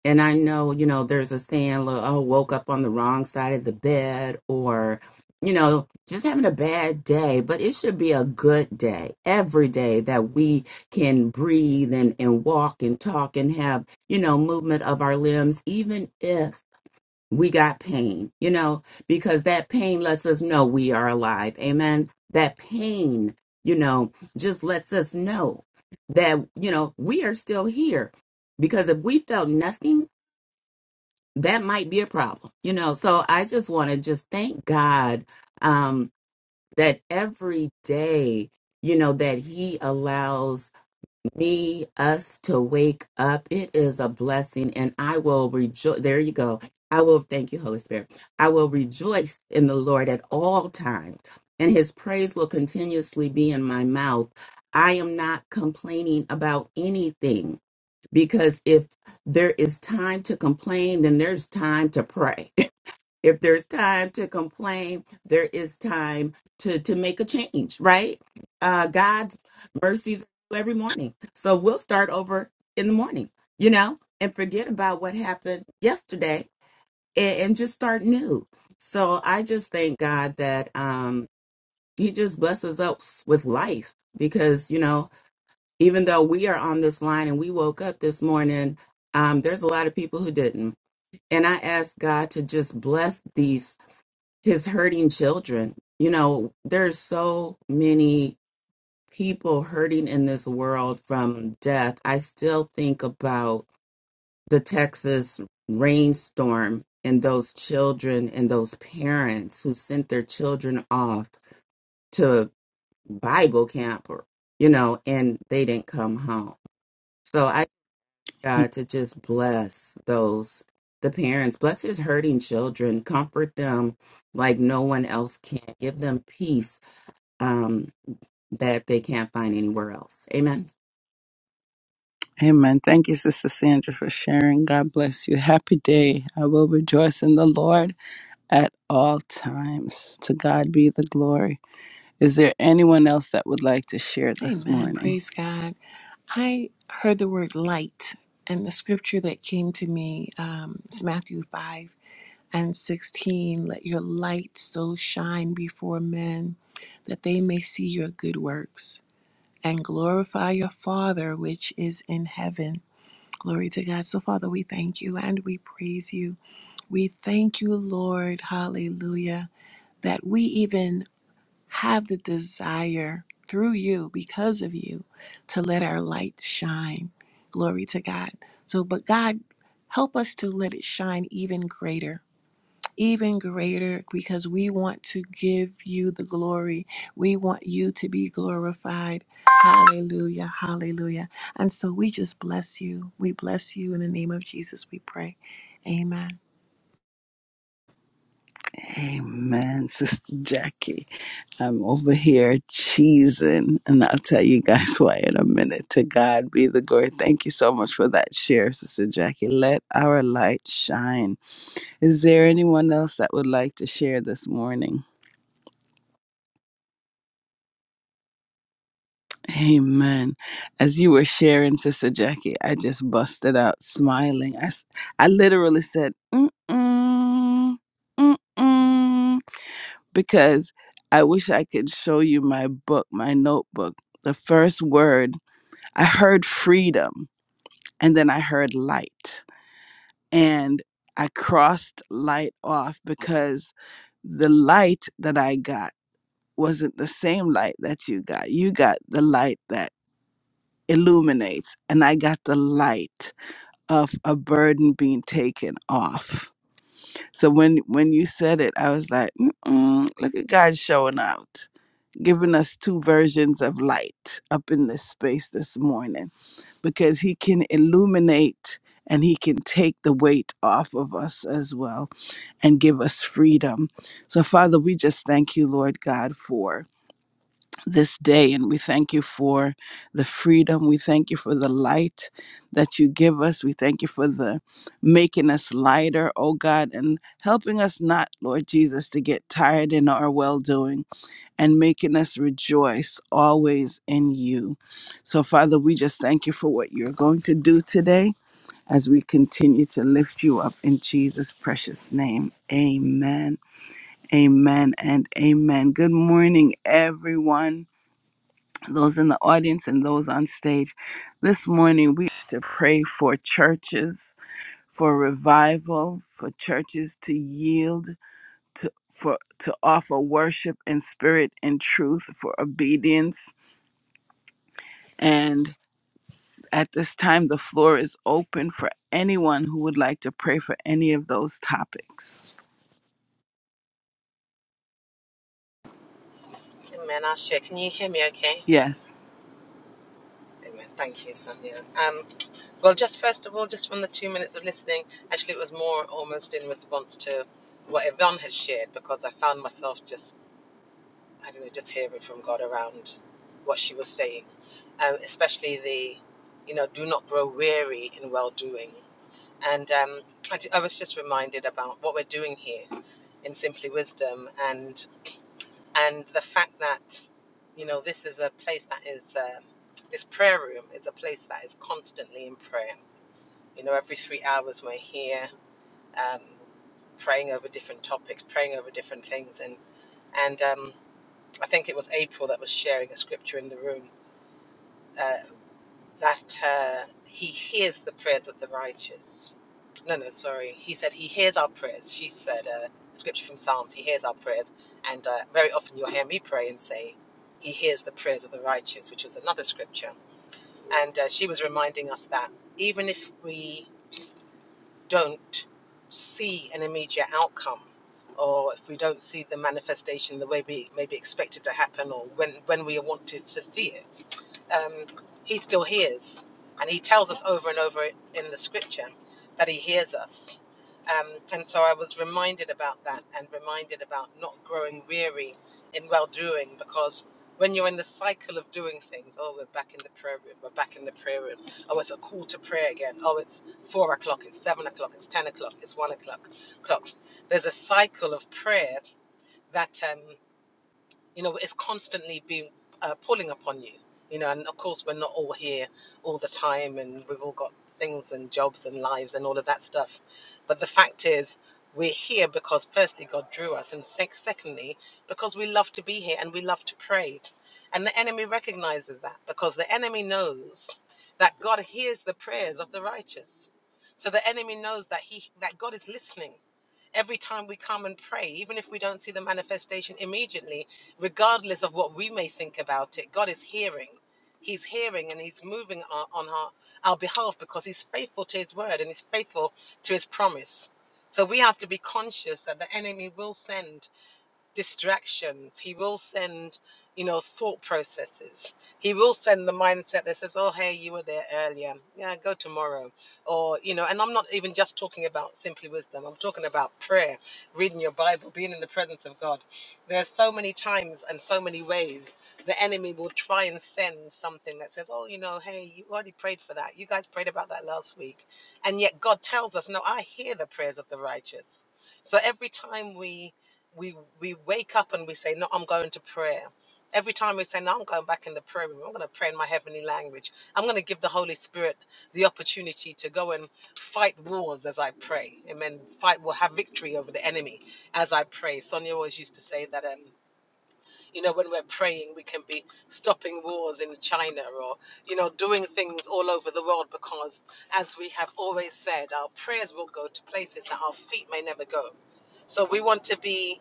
E: And I know, you know, there's a saying, like, oh, woke up on the wrong side of the bed or, you know, just having a bad day. But it should be a good day every day that we can breathe and, and walk and talk and have, you know, movement of our limbs, even if we got pain, you know, because that pain lets us know we are alive. Amen. That pain, you know, just lets us know that, you know, we are still here. Because if we felt nothing, that might be a problem, you know. So I just want to just thank God um, that every day, you know, that He allows need us to wake up. It is a blessing, and I will rejoice. There you go. I will thank you, Holy Spirit. I will rejoice in the Lord at all times, and his praise will continuously be in my mouth. I am not complaining about anything because if there is time to complain, then there's time to pray if there's time to complain there is time to to make a change right uh god's mercies are every morning so we'll start over in the morning you know and forget about what happened yesterday and, and just start new so i just thank god that um he just blesses us with life because you know even though we are on this line and we woke up this morning um there's a lot of people who didn't and i ask god to just bless these his hurting children. You know, there's so many people hurting in this world from death. I still think about the Texas rainstorm and those children and those parents who sent their children off to Bible camp or, you know, and they didn't come home. So I ask God to just bless those the parents, bless his hurting children, comfort them like no one else can. Give them peace um, that they can't find anywhere else. Amen.
D: Amen. Thank you, Sister Sandra, for sharing. God bless you. Happy day. I will rejoice in the Lord at all times. To God be the glory. Is there anyone else that would like to share this
A: Amen.
D: morning?
A: Praise God. I heard the word light, and the scripture that came to me um, is Matthew 5 and 16. Let your light so shine before men that they may see your good works and glorify your Father which is in heaven. Glory to God. So, Father, we thank you and we praise you. We thank you, Lord. Hallelujah. That we even have the desire through you, because of you, to let our light shine. Glory to God. So, but God, help us to let it shine even greater, even greater, because we want to give you the glory. We want you to be glorified. Hallelujah. Hallelujah. And so we just bless you. We bless you in the name of Jesus, we pray. Amen.
D: Amen, Sister Jackie. I'm over here cheesing, and I'll tell you guys (laughs) why in a minute. To God be the glory. Thank you so much for that share, Sister Jackie. Let our light shine. Is there anyone else that would like to share this morning? Amen. As you were sharing, Sister Jackie, I just busted out smiling. I, s- I literally said, mm-mm, mm-mm, because I wish I could show you my book, my notebook. The first word, I heard freedom, and then I heard light. And I crossed light off because the light that I got. wasn't the same light that you got. You got the light that illuminates, and I got the light of a burden being taken off. So when when you said it, I was like, Mm-mm, look at God showing out, giving us two versions of light up in this space this morning, because He can illuminate. And he can take the weight off of us as well and give us freedom. So, Father, we just thank you, Lord God, for this day and we thank you for the freedom we thank you for the light that you give us we thank you for the making us lighter oh god and helping us not lord jesus to get tired in our well doing and making us rejoice always in you so father we just thank you for what you're going to do today as we continue to lift you up in jesus precious name amen amen and amen good morning everyone those in the audience and those on stage. This morning, we wish to pray for churches, for revival, for churches to yield, to, for, to offer worship in spirit and truth, for obedience. And at this time, the floor is open for anyone who would like to pray for any of those topics.
F: Amen. Asha, can you hear me okay?
D: Yes.
F: Amen. Thank you, Sonia. Um, well, just first of all, just from the two minutes of listening, actually, it was more almost in response to what Yvonne had shared because I found myself just, I don't know, just hearing from God around what she was saying, um, especially the, you know, do not grow weary in well doing. And um, I, ju- I was just reminded about what we're doing here in Simply Wisdom. and. and the fact that you know this is a place that is um, this prayer room is a place that is constantly in prayer you know every three hours we're here um, praying over different topics praying over different things and and um, i think it was april that was sharing a scripture in the room uh, that uh, he hears the prayers of the righteous. No, no, sorry. He said he hears our prayers. She said uh, a scripture from Psalms. He hears our prayers, and uh, very often you'll hear me pray and say, "He hears the prayers of the righteous," which was another scripture. And uh, she was reminding us that even if we don't see an immediate outcome or if we don't see the manifestation the way we maybe expect it to happen or when, when we wanted to see it, um, he still hears. And he tells us over and over in the scripture that he hears us. Um, and so I was reminded about that and reminded about not growing weary in well doing because when you're in the cycle of doing things, oh, we're back in the prayer room, we're back in the prayer room, oh, it's a call to prayer again, oh, it's four o'clock, it's seven o'clock, it's ten o'clock, it's one o'clock. Clock. There's a cycle of prayer that um, you know it's constantly being uh, pulling upon you you know and of course we're not all here all the time and we've all got things and jobs and lives and all of that stuff but the fact is we're here because firstly god drew us and sec- secondly because we love to be here and we love to pray and the enemy recognizes that because the enemy knows that god hears the prayers of the righteous so the enemy knows that he that god is listening every time we come and pray, even if we don't see the manifestation immediately, regardless of what we may think about it, God is hearing. He's hearing and He's moving on, on our, our behalf because He's faithful to His word and He's faithful to His promise. So we have to be conscious that the enemy will send distractions. He will send, you know, thought processes. He will send the mindset that says, oh, hey, you were there earlier. Yeah, go tomorrow. Or, you know, and I'm not even just talking about simply wisdom. I'm talking about prayer, reading your Bible, being in the presence of God. There are so many times and so many ways the enemy will try and send something that says, oh, you know, hey, you already prayed for that. You guys prayed about that last week. And yet God tells us, no, I hear the prayers of the righteous. So every time we we we wake up and we say, "No, I'm going to prayer." Every time we say, "No, I'm going back in the prayer room. I'm going to pray in my heavenly language. I'm going to give the Holy Spirit the opportunity to go and fight wars as I pray." Amen. Fight will have victory over the enemy as I pray. Sonia always used to say that, um, you know, when we're praying, we can be stopping wars in China or you know doing things all over the world because, as we have always said, our prayers will go to places that our feet may never go. So we want to be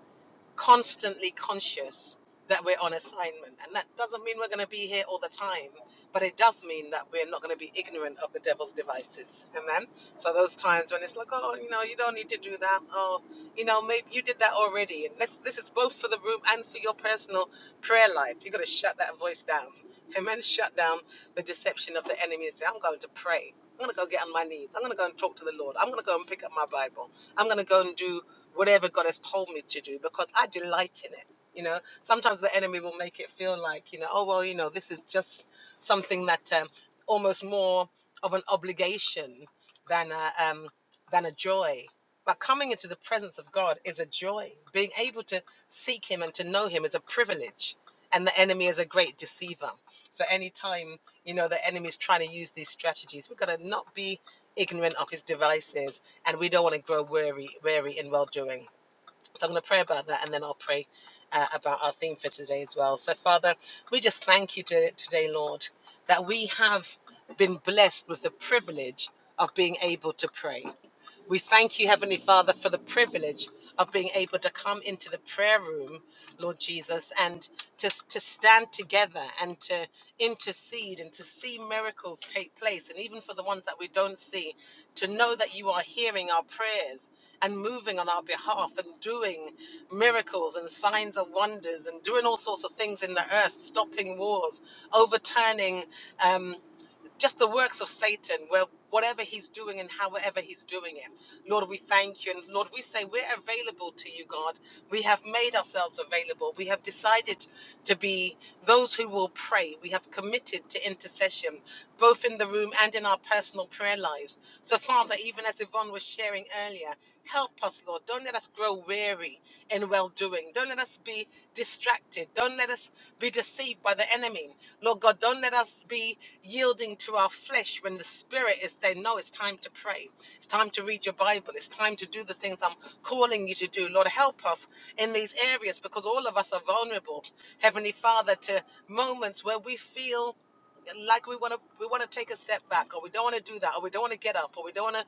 F: constantly conscious that we're on assignment. And that doesn't mean we're going to be here all the time, but it does mean that we're not going to be ignorant of the devil's devices. Amen. So those times when it's like, oh, you know, you don't need to do that. Oh, you know, maybe you did that already. And this, this is both for the room and for your personal prayer life. You've got to shut that voice down. Amen. Shut down the deception of the enemy and say, I'm going to pray. I'm going to go get on my knees. I'm going to go and talk to the Lord. I'm going to go and pick up my Bible. I'm going to go and do whatever God has told me to do because I delight in it. You know, sometimes the enemy will make it feel like, you know, oh, well, you know, this is just something that um, almost more of an obligation than a, um, than a joy. But coming into the presence of God is a joy. Being able to seek Him and to know Him is a privilege. And the enemy is a great deceiver. So, anytime, you know, the enemy is trying to use these strategies, we've got to not be ignorant of his devices and we don't want to grow weary, weary in well doing. So I'm going to pray about that and then I'll pray uh, about our theme for today as well. So, Father, we just thank you to, today, Lord, that we have been blessed with the privilege of being able to pray. We thank you, Heavenly Father, for the privilege of being able to come into the prayer room, Lord Jesus, and to, to stand together and to intercede and to see miracles take place. And even for the ones that we don't see, to know that you are hearing our prayers and moving on our behalf and doing miracles and signs and wonders and doing all sorts of things in the earth, stopping wars, overturning um, just the works of Satan, where whatever he's doing and however he's doing it. Lord, we thank you. And Lord, we say we're available to you, God. We have made ourselves available. We have decided to be those who will pray. We have committed to intercession, both in the room and in our personal prayer lives. So, Father, even as Yvonne was sharing earlier, help us, Lord. Don't let us grow weary in well doing. Don't let us be distracted. Don't let us be deceived by the enemy. Lord God, don't let us be yielding to our flesh when the Spirit is saying, No, it's time to pray. It's time to read your Bible. It's time to do the things I'm calling you to do. Lord, help us in these areas because all of us are vulnerable, Heavenly Father, to moments where we feel like we want to we want to take a step back or we don't want to do that or we don't want to get up or we don't want to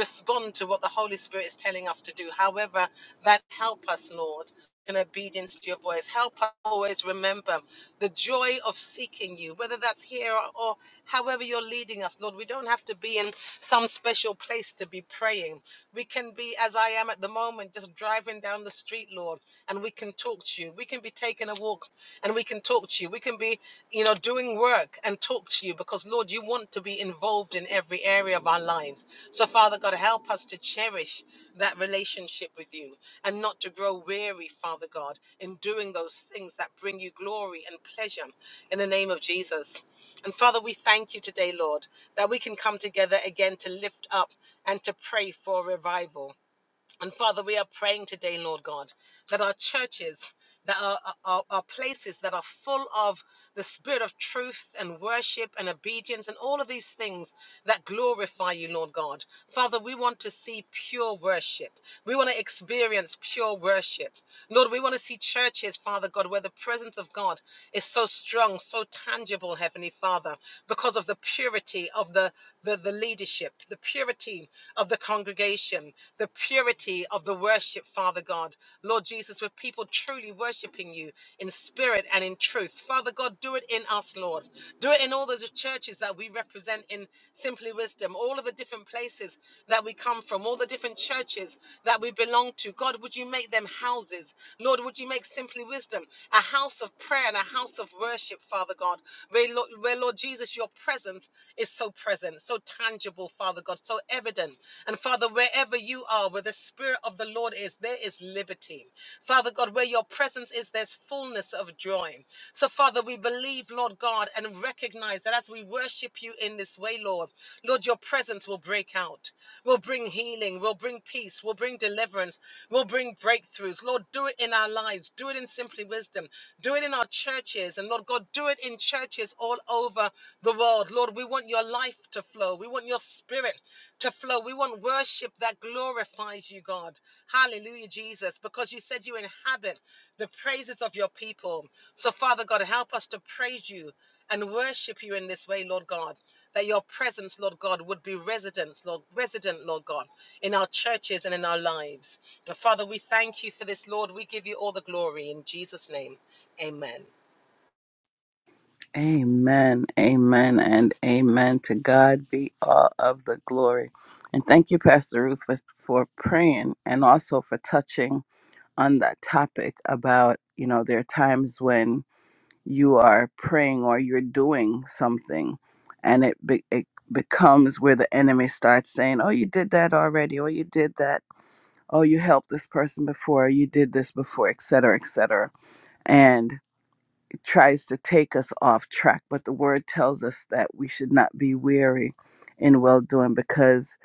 F: respond to what the holy spirit is telling us to do however that help us lord in obedience to your voice help us always remember the joy of seeking you whether that's here or, or however you're leading us lord we don't have to be in some special place to be praying we can be as i am at the moment just driving down the street lord and we can talk to you we can be taking a walk and we can talk to you we can be you know, doing work and talk to you because, Lord, you want to be involved in every area of our lives. So, Father God, help us to cherish that relationship with you and not to grow weary, Father God, in doing those things that bring you glory and pleasure in the name of Jesus. And Father, we thank you today, Lord, that we can come together again to lift up and to pray for revival. And Father, we are praying today, Lord God, that our churches, that our, our, our places that are full of the spirit of truth and worship and obedience and all of these things that glorify you, Lord God. Father, we want to see pure worship. We want to experience pure worship. Lord, we want to see churches, Father God, where the presence of God is so strong, so tangible, Heavenly Father, because of the purity of the, the, the leadership, the purity of the congregation, the purity of the worship, Father God. Lord Jesus, with people truly worshiping you in spirit and in truth. Father God, do it in us, Lord. Do it in all the churches that we represent in Simply Wisdom, all of the different places that we come from, all the different churches that that we belong to. God, would you make them houses? Lord, would you make Simply Wisdom a house of prayer and a house of worship, Father God, where, where, Lord Jesus, your presence is so present, so tangible, Father God, so evident. And Father, wherever you are, where the Spirit of the Lord is, there is liberty. Father God, where your presence is, there's fullness of joy. So, Father, we believe, Lord God, and recognize that as we worship you in this way, Lord, Lord, your presence will break out will bring healing, will bring peace, will bring deliverance, will bring breakthroughs. Lord, do it in our lives, do it in Simply Wisdom, do it in our churches, and Lord God, do it in churches all over the world. Lord, we want your life to flow, we want your spirit to flow, we want worship that glorifies you, God. Hallelujah, Jesus, because you said you inhabit the praises of your people. So, Father God, help us to praise you and worship you in this way, Lord God. That your presence, Lord God, would be residence, Lord, resident, Lord God, in our churches and in our lives. And Father, we thank you for this, Lord. We give you all the glory in Jesus' name. Amen.
D: Amen, amen, and amen. To God be all of the glory. And thank you, Pastor Ruth, for, for praying and also for touching on that topic about, you know, there are times when you are praying or you're doing something and it, be, it becomes where the enemy starts saying, oh, you did that already, or you did that, oh, you helped this person before, you did this before, etc., etc tries to take us off track, but the word tells us that we should not be weary in well doing because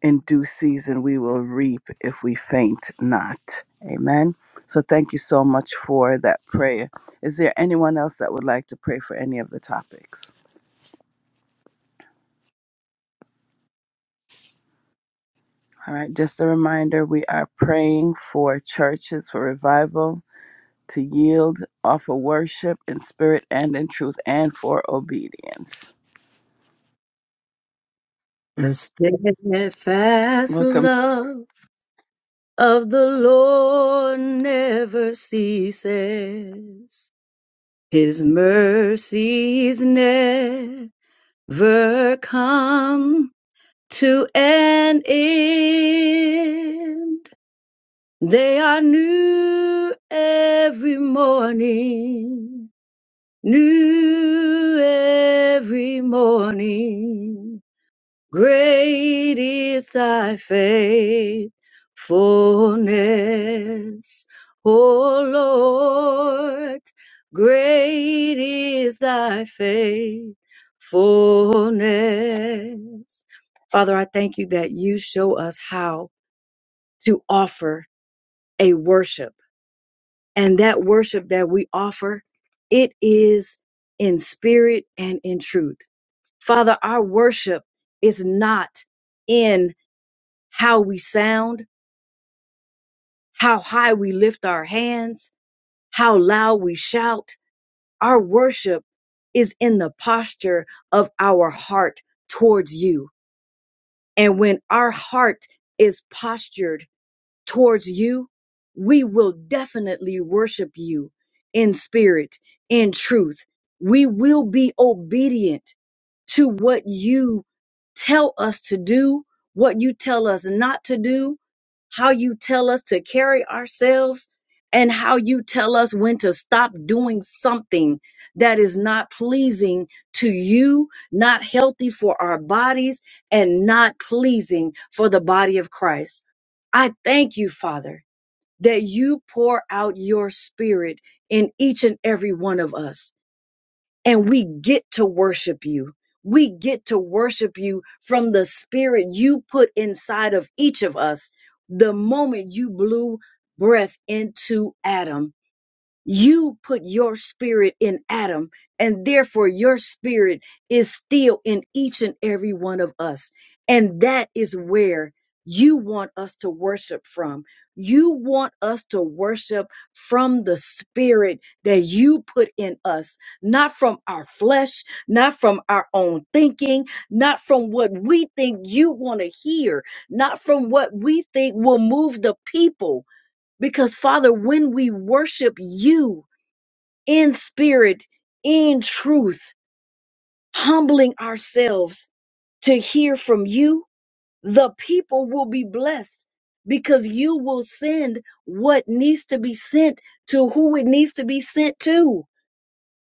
D: in due season we will reap if we faint not. Amen. So thank you so much for that prayer. Is there anyone else that would like to pray for any of the topics? All right, just a reminder we are praying for churches for revival to yield, offer worship in spirit and in truth, and for obedience.
C: The steadfast
D: Welcome.
C: love of the Lord never ceases. His mercies never come to an end. They are new every morning, new every morning. Great is thy faithfulness, O Lord. Great is thy faithfulness. Father, I thank you that you show us how to offer a worship. And that worship that we offer, it is in spirit and in truth. Father, our worship is not in how we sound, how high we lift our hands, how loud we shout. Our worship is in the posture of our heart towards you. And when our heart is postured towards you, we will definitely worship you in spirit, in truth. We will be obedient to what you tell us to do, what you tell us not to do, how you tell us to carry ourselves, and how you tell us when to stop doing something that is not pleasing to you, not healthy for our bodies, and not pleasing for the body of Christ. I thank you, Father, that you pour out your spirit in each and every one of us and we get to worship you. We get to worship you from the spirit you put inside of each of us the moment you blew breath into Adam you put your spirit in Adam, and therefore your spirit is still in each and every one of us. And that is where you want us to worship from. You want us to worship from the spirit that you put in us, not from our flesh, not from our own thinking, not from what we think you want to hear, not from what we think will move the people because, Father, when we worship you in spirit, in truth, humbling ourselves to hear from you, the people will be blessed because you will send what needs to be sent to who it needs to be sent to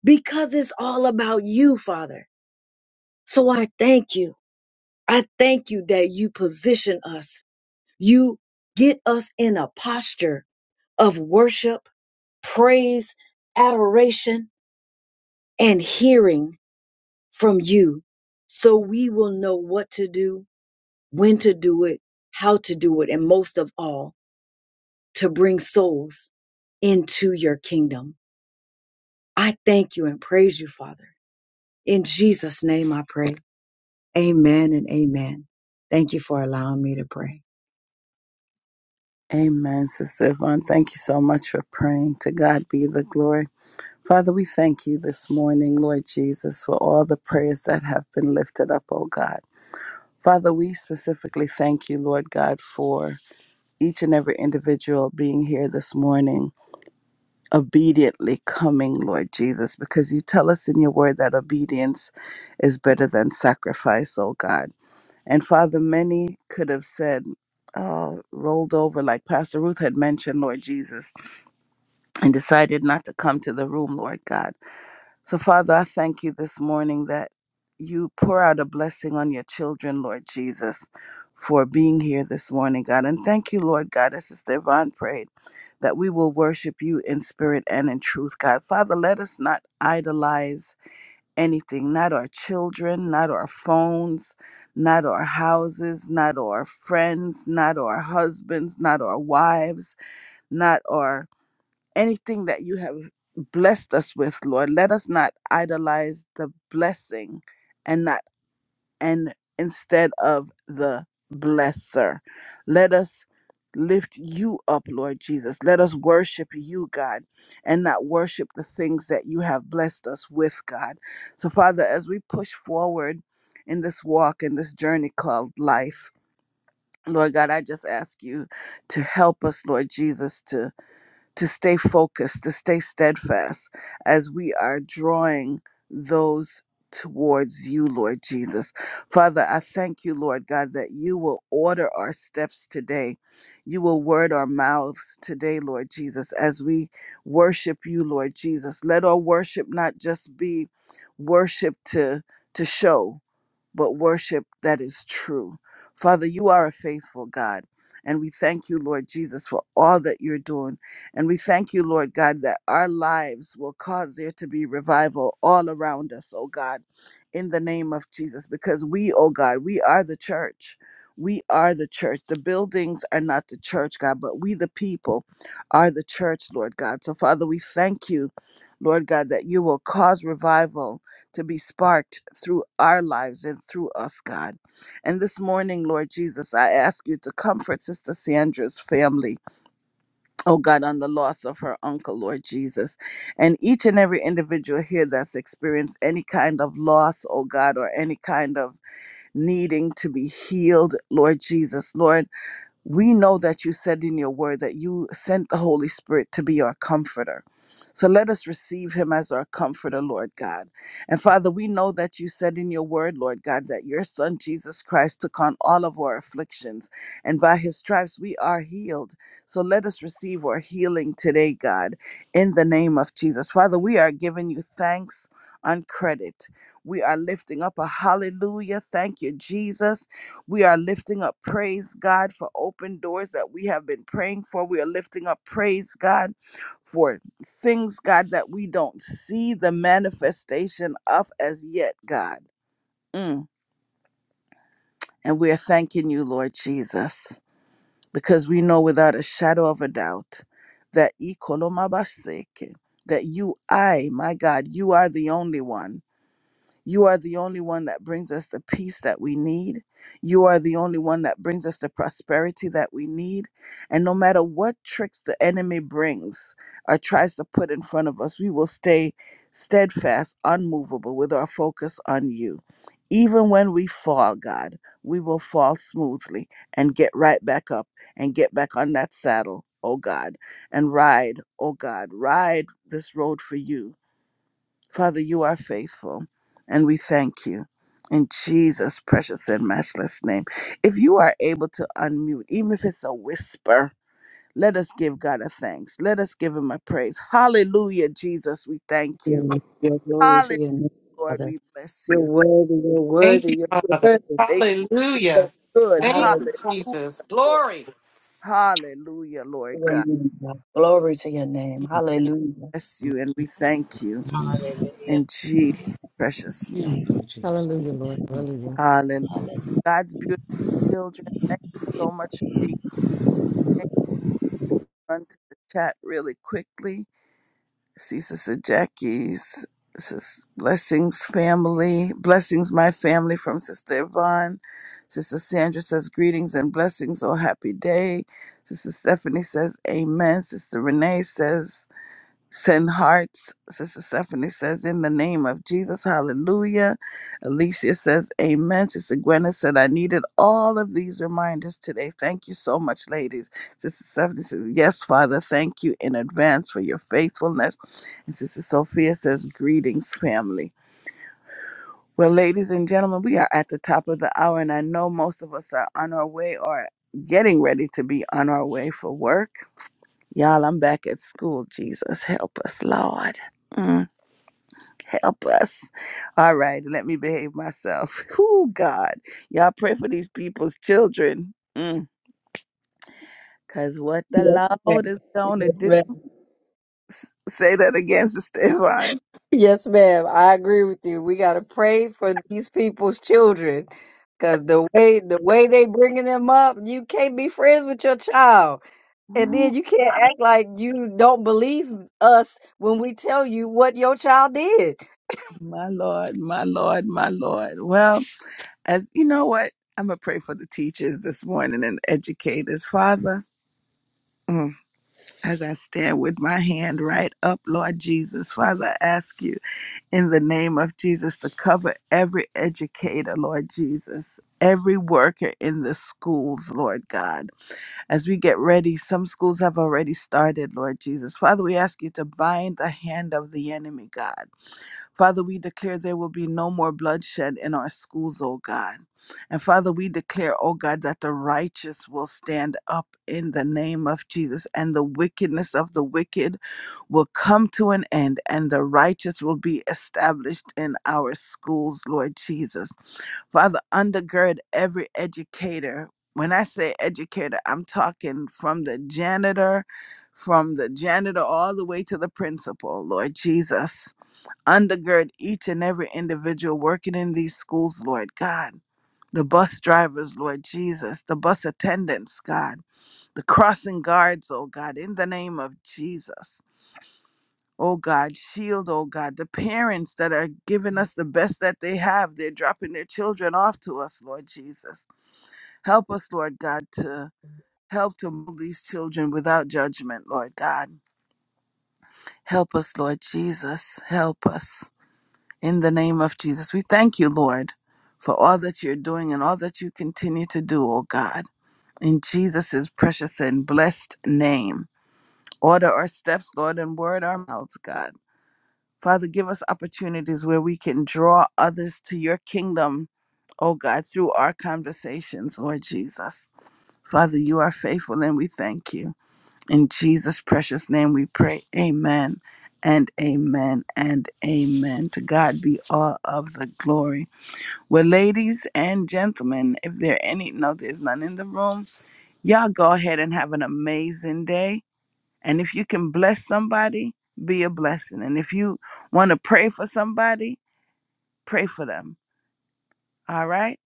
C: because it's all about you, Father. So I thank you. I thank you that you position us. You get us in a posture of worship, praise, adoration, and hearing from you so we will know what to do, when to do it, how to do it, and most of all, to bring souls into your kingdom. I thank you and praise you, Father. In Jesus' name I pray. Amen and amen. Thank you for allowing me to pray.
D: Amen, Sister Yvonne. Thank you so much for praying. To God be the glory. Father, we thank you this morning, Lord Jesus, for all the prayers that have been lifted up, oh God. Father, we specifically thank you, Lord God, for each and every individual being here this morning, obediently coming, Lord Jesus, because you tell us in your word that obedience is better than sacrifice, oh God. And Father, many could have said, oh, rolled over, like Pastor Ruth had mentioned, Lord Jesus and decided not to come to the room, Lord God. So, Father, I thank you this morning that you pour out a blessing on your children, Lord Jesus, for being here this morning, God. And thank you, Lord God, as Sister Yvonne prayed, that we will worship you in spirit and in truth, God. Father, let us not idolize anything, not our children, not our phones, not our houses, not our friends, not our husbands, not our wives, not our anything that you have blessed us with, Lord. Let us not idolize the blessing and not and instead of the blesser. Let us lift you up, Lord Jesus. Let us worship you, God, and not worship the things that you have blessed us with, God. So Father, as we push forward in this walk in this journey called life, Lord God, I just ask you to help us, Lord Jesus, to to stay focused, to stay steadfast as we are drawing those towards you, Lord Jesus. Father, I thank you, Lord God, that you will order our steps today. You will word our mouths today, Lord Jesus, as we worship you, Lord Jesus. Let our worship not just be worship to to show, but worship that is true. Father, you are a faithful God. And we thank you, Lord Jesus, for all that you're doing. And we thank you, Lord God, that our lives will cause there to be revival all around us, oh God, in the name of Jesus. Because we, oh God, we are the church. We are the church. The buildings are not the church, God, but we, the people, are the church, Lord God. So, Father, we thank you, Lord God, that you will cause revival to be sparked through our lives and through us, God. And this morning, Lord Jesus, I ask you to comfort Sister Sandra's family, oh God, on the loss of her uncle, Lord Jesus. And each and every individual here that's experienced any kind of loss, oh God, or any kind of needing to be healed, Lord Jesus, Lord we know that you said in your word that you sent the Holy Spirit to be our comforter. So let us receive him as our comforter, Lord God. And Father, we know that you said in your word, Lord God, that your son Jesus Christ took on all of our afflictions, and by his stripes we are healed. So let us receive our healing today, God, in the name of Jesus. Father, we are giving you thanks on credit. We are lifting up a hallelujah. Thank you, Jesus. We are lifting up praise, God, for open doors that we have been praying for. We are lifting up praise, God, for things, God, that we don't see the manifestation of as yet, God. Mm. And we are thanking you, Lord Jesus, because we know without a shadow of a doubt that Ikolomabaseke, that you, I, my God, you are the only one. You are the only one that brings us the peace that we need. You are the only one that brings us the prosperity that we need. And no matter what tricks the enemy brings or tries to put in front of us, we will stay steadfast, unmovable, with our focus on you. Even when we fall, God, we will fall smoothly and get right back up and get back on that saddle, oh God, and ride, oh God, ride this road for you Father, you are faithful, and we thank you. In Jesus' precious and matchless name. If you are able to unmute, even if it's a whisper, let us give God a thanks. Let us give him a praise. Hallelujah, Jesus, we thank you.
C: Amen. Your glory to
D: Hallelujah,
C: your name,
D: Lord,
C: Father.
D: we bless
C: You're
D: you.
C: worthy, you're
G: Thank
C: worthy,
G: you,
C: you're
G: Father.
C: worthy.
D: Faithful,
G: Hallelujah.
D: good.
G: Thank
C: Hallelujah.
G: you,
D: Hallelujah,
G: Jesus.
D: Lord.
G: Glory.
D: Hallelujah, Lord God.
C: Glory to your name.
D: And we
C: Hallelujah.
D: bless you, and we thank you.
E: Amen.
F: Hallelujah.
D: In Jesus' precious name.
E: Thank you, Jesus.
H: Hallelujah, Lord.
E: Thank
H: Hallelujah.
D: Hallelujah. God's beautiful children, thank you so much for being on to the chat really quickly. see Sister Jackie's sis, blessings family, blessings my family from Sister Yvonne. Sister Sandra says greetings and blessings. Oh, happy day. Sister Stephanie says amen. Sister Renee says Send hearts. Sister Stephanie says, in the name of Jesus, hallelujah. Alicia says, amen. Sister Gwyneth said, I needed all of these reminders today. Thank you so much, ladies. Sister Stephanie says, yes, Father, thank you in advance for your faithfulness. And Sister Sophia says, greetings, family. Well, ladies and gentlemen, we are at the top of the hour, and I know most of us are on our way or getting ready to be on our way for work. Y'all, I'm back at school. Jesus, help us, Lord. Mm. Help us. All right, let me behave myself. (laughs) Oh, God. Y'all pray for these people's children. Mm. Cause what
C: Yes,
D: the Lord
C: ma'am.
D: is gonna do.
C: Yes,
D: Say that again, (laughs) Sister Yvonne.
C: Yes, ma'am. I agree with you. We gotta pray for these people's children, cause the way the way they bringing them up, you can't be friends with your child, and then
D: Ooh,
C: you can't act like you don't believe us when we tell you what your child did.
D: my Lord, my Lord, my Lord. Well, as you know what? I'm gonna pray for the teachers this morning and educators. Father, mm, as I stand with my hand right up, Lord Jesus, Father, I ask you. in the name of Jesus to cover every educator, Lord Jesus, every worker in the schools, Lord God. As we get ready, some schools have already started, Lord Jesus. Father, we ask you to bind the hand of the enemy, God. Father, we declare there will be no more bloodshed in our schools, oh God. And Father, we declare, oh God, that the righteous will stand up in the name of Jesus, and the wickedness of the wicked will come to an end, and the righteous will be established in our schools, Lord Jesus. Father, undergird every educator. When I say educator, I'm talking from the janitor, from the janitor all the way to the principal, Lord Jesus undergird each and every individual working in these schools, Lord God. The bus drivers, Lord Jesus, the bus attendants, God, the crossing guards, oh God, in the name of Jesus. Oh God, shield, oh God, the parents that are giving us the best that they have. They're dropping their children off to us, Lord Jesus. Help us, Lord God, to help to move these children without judgment, Lord God. Help us, Lord Jesus. Help us. In the name of Jesus, we thank you, Lord, for all that you're doing and all that you continue to do, O God. In Jesus' precious and blessed name, order our steps, Lord, and word our mouths, God. Father, give us opportunities where we can draw others to your kingdom, O God, through our conversations, Lord Jesus. Father, you are faithful and we thank you. In Jesus' precious name we pray. Amen and amen and amen. To God be all of the glory. Well, ladies and gentlemen, if there are any, no, there's none in the room. Y'all go ahead and have an amazing day. And if you can bless somebody, be a blessing. And if you want to pray for somebody, pray for them. All right?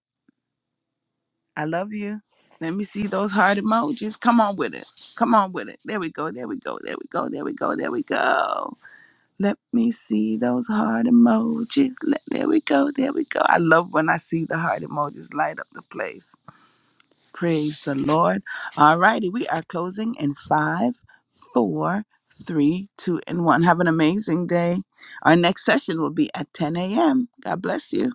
D: I love you. Let me see those heart emojis. Come on with it. Come on with it. There we go. There we go. There we go. There we go. There we go. Let me see those heart emojis. Let, there we go. There we go. I love when I see the heart emojis light up the place. Praise the Lord. All righty. We are closing in five, four, three, two, and one. Have an amazing day. Our next session will be at 10 a.m. God bless you.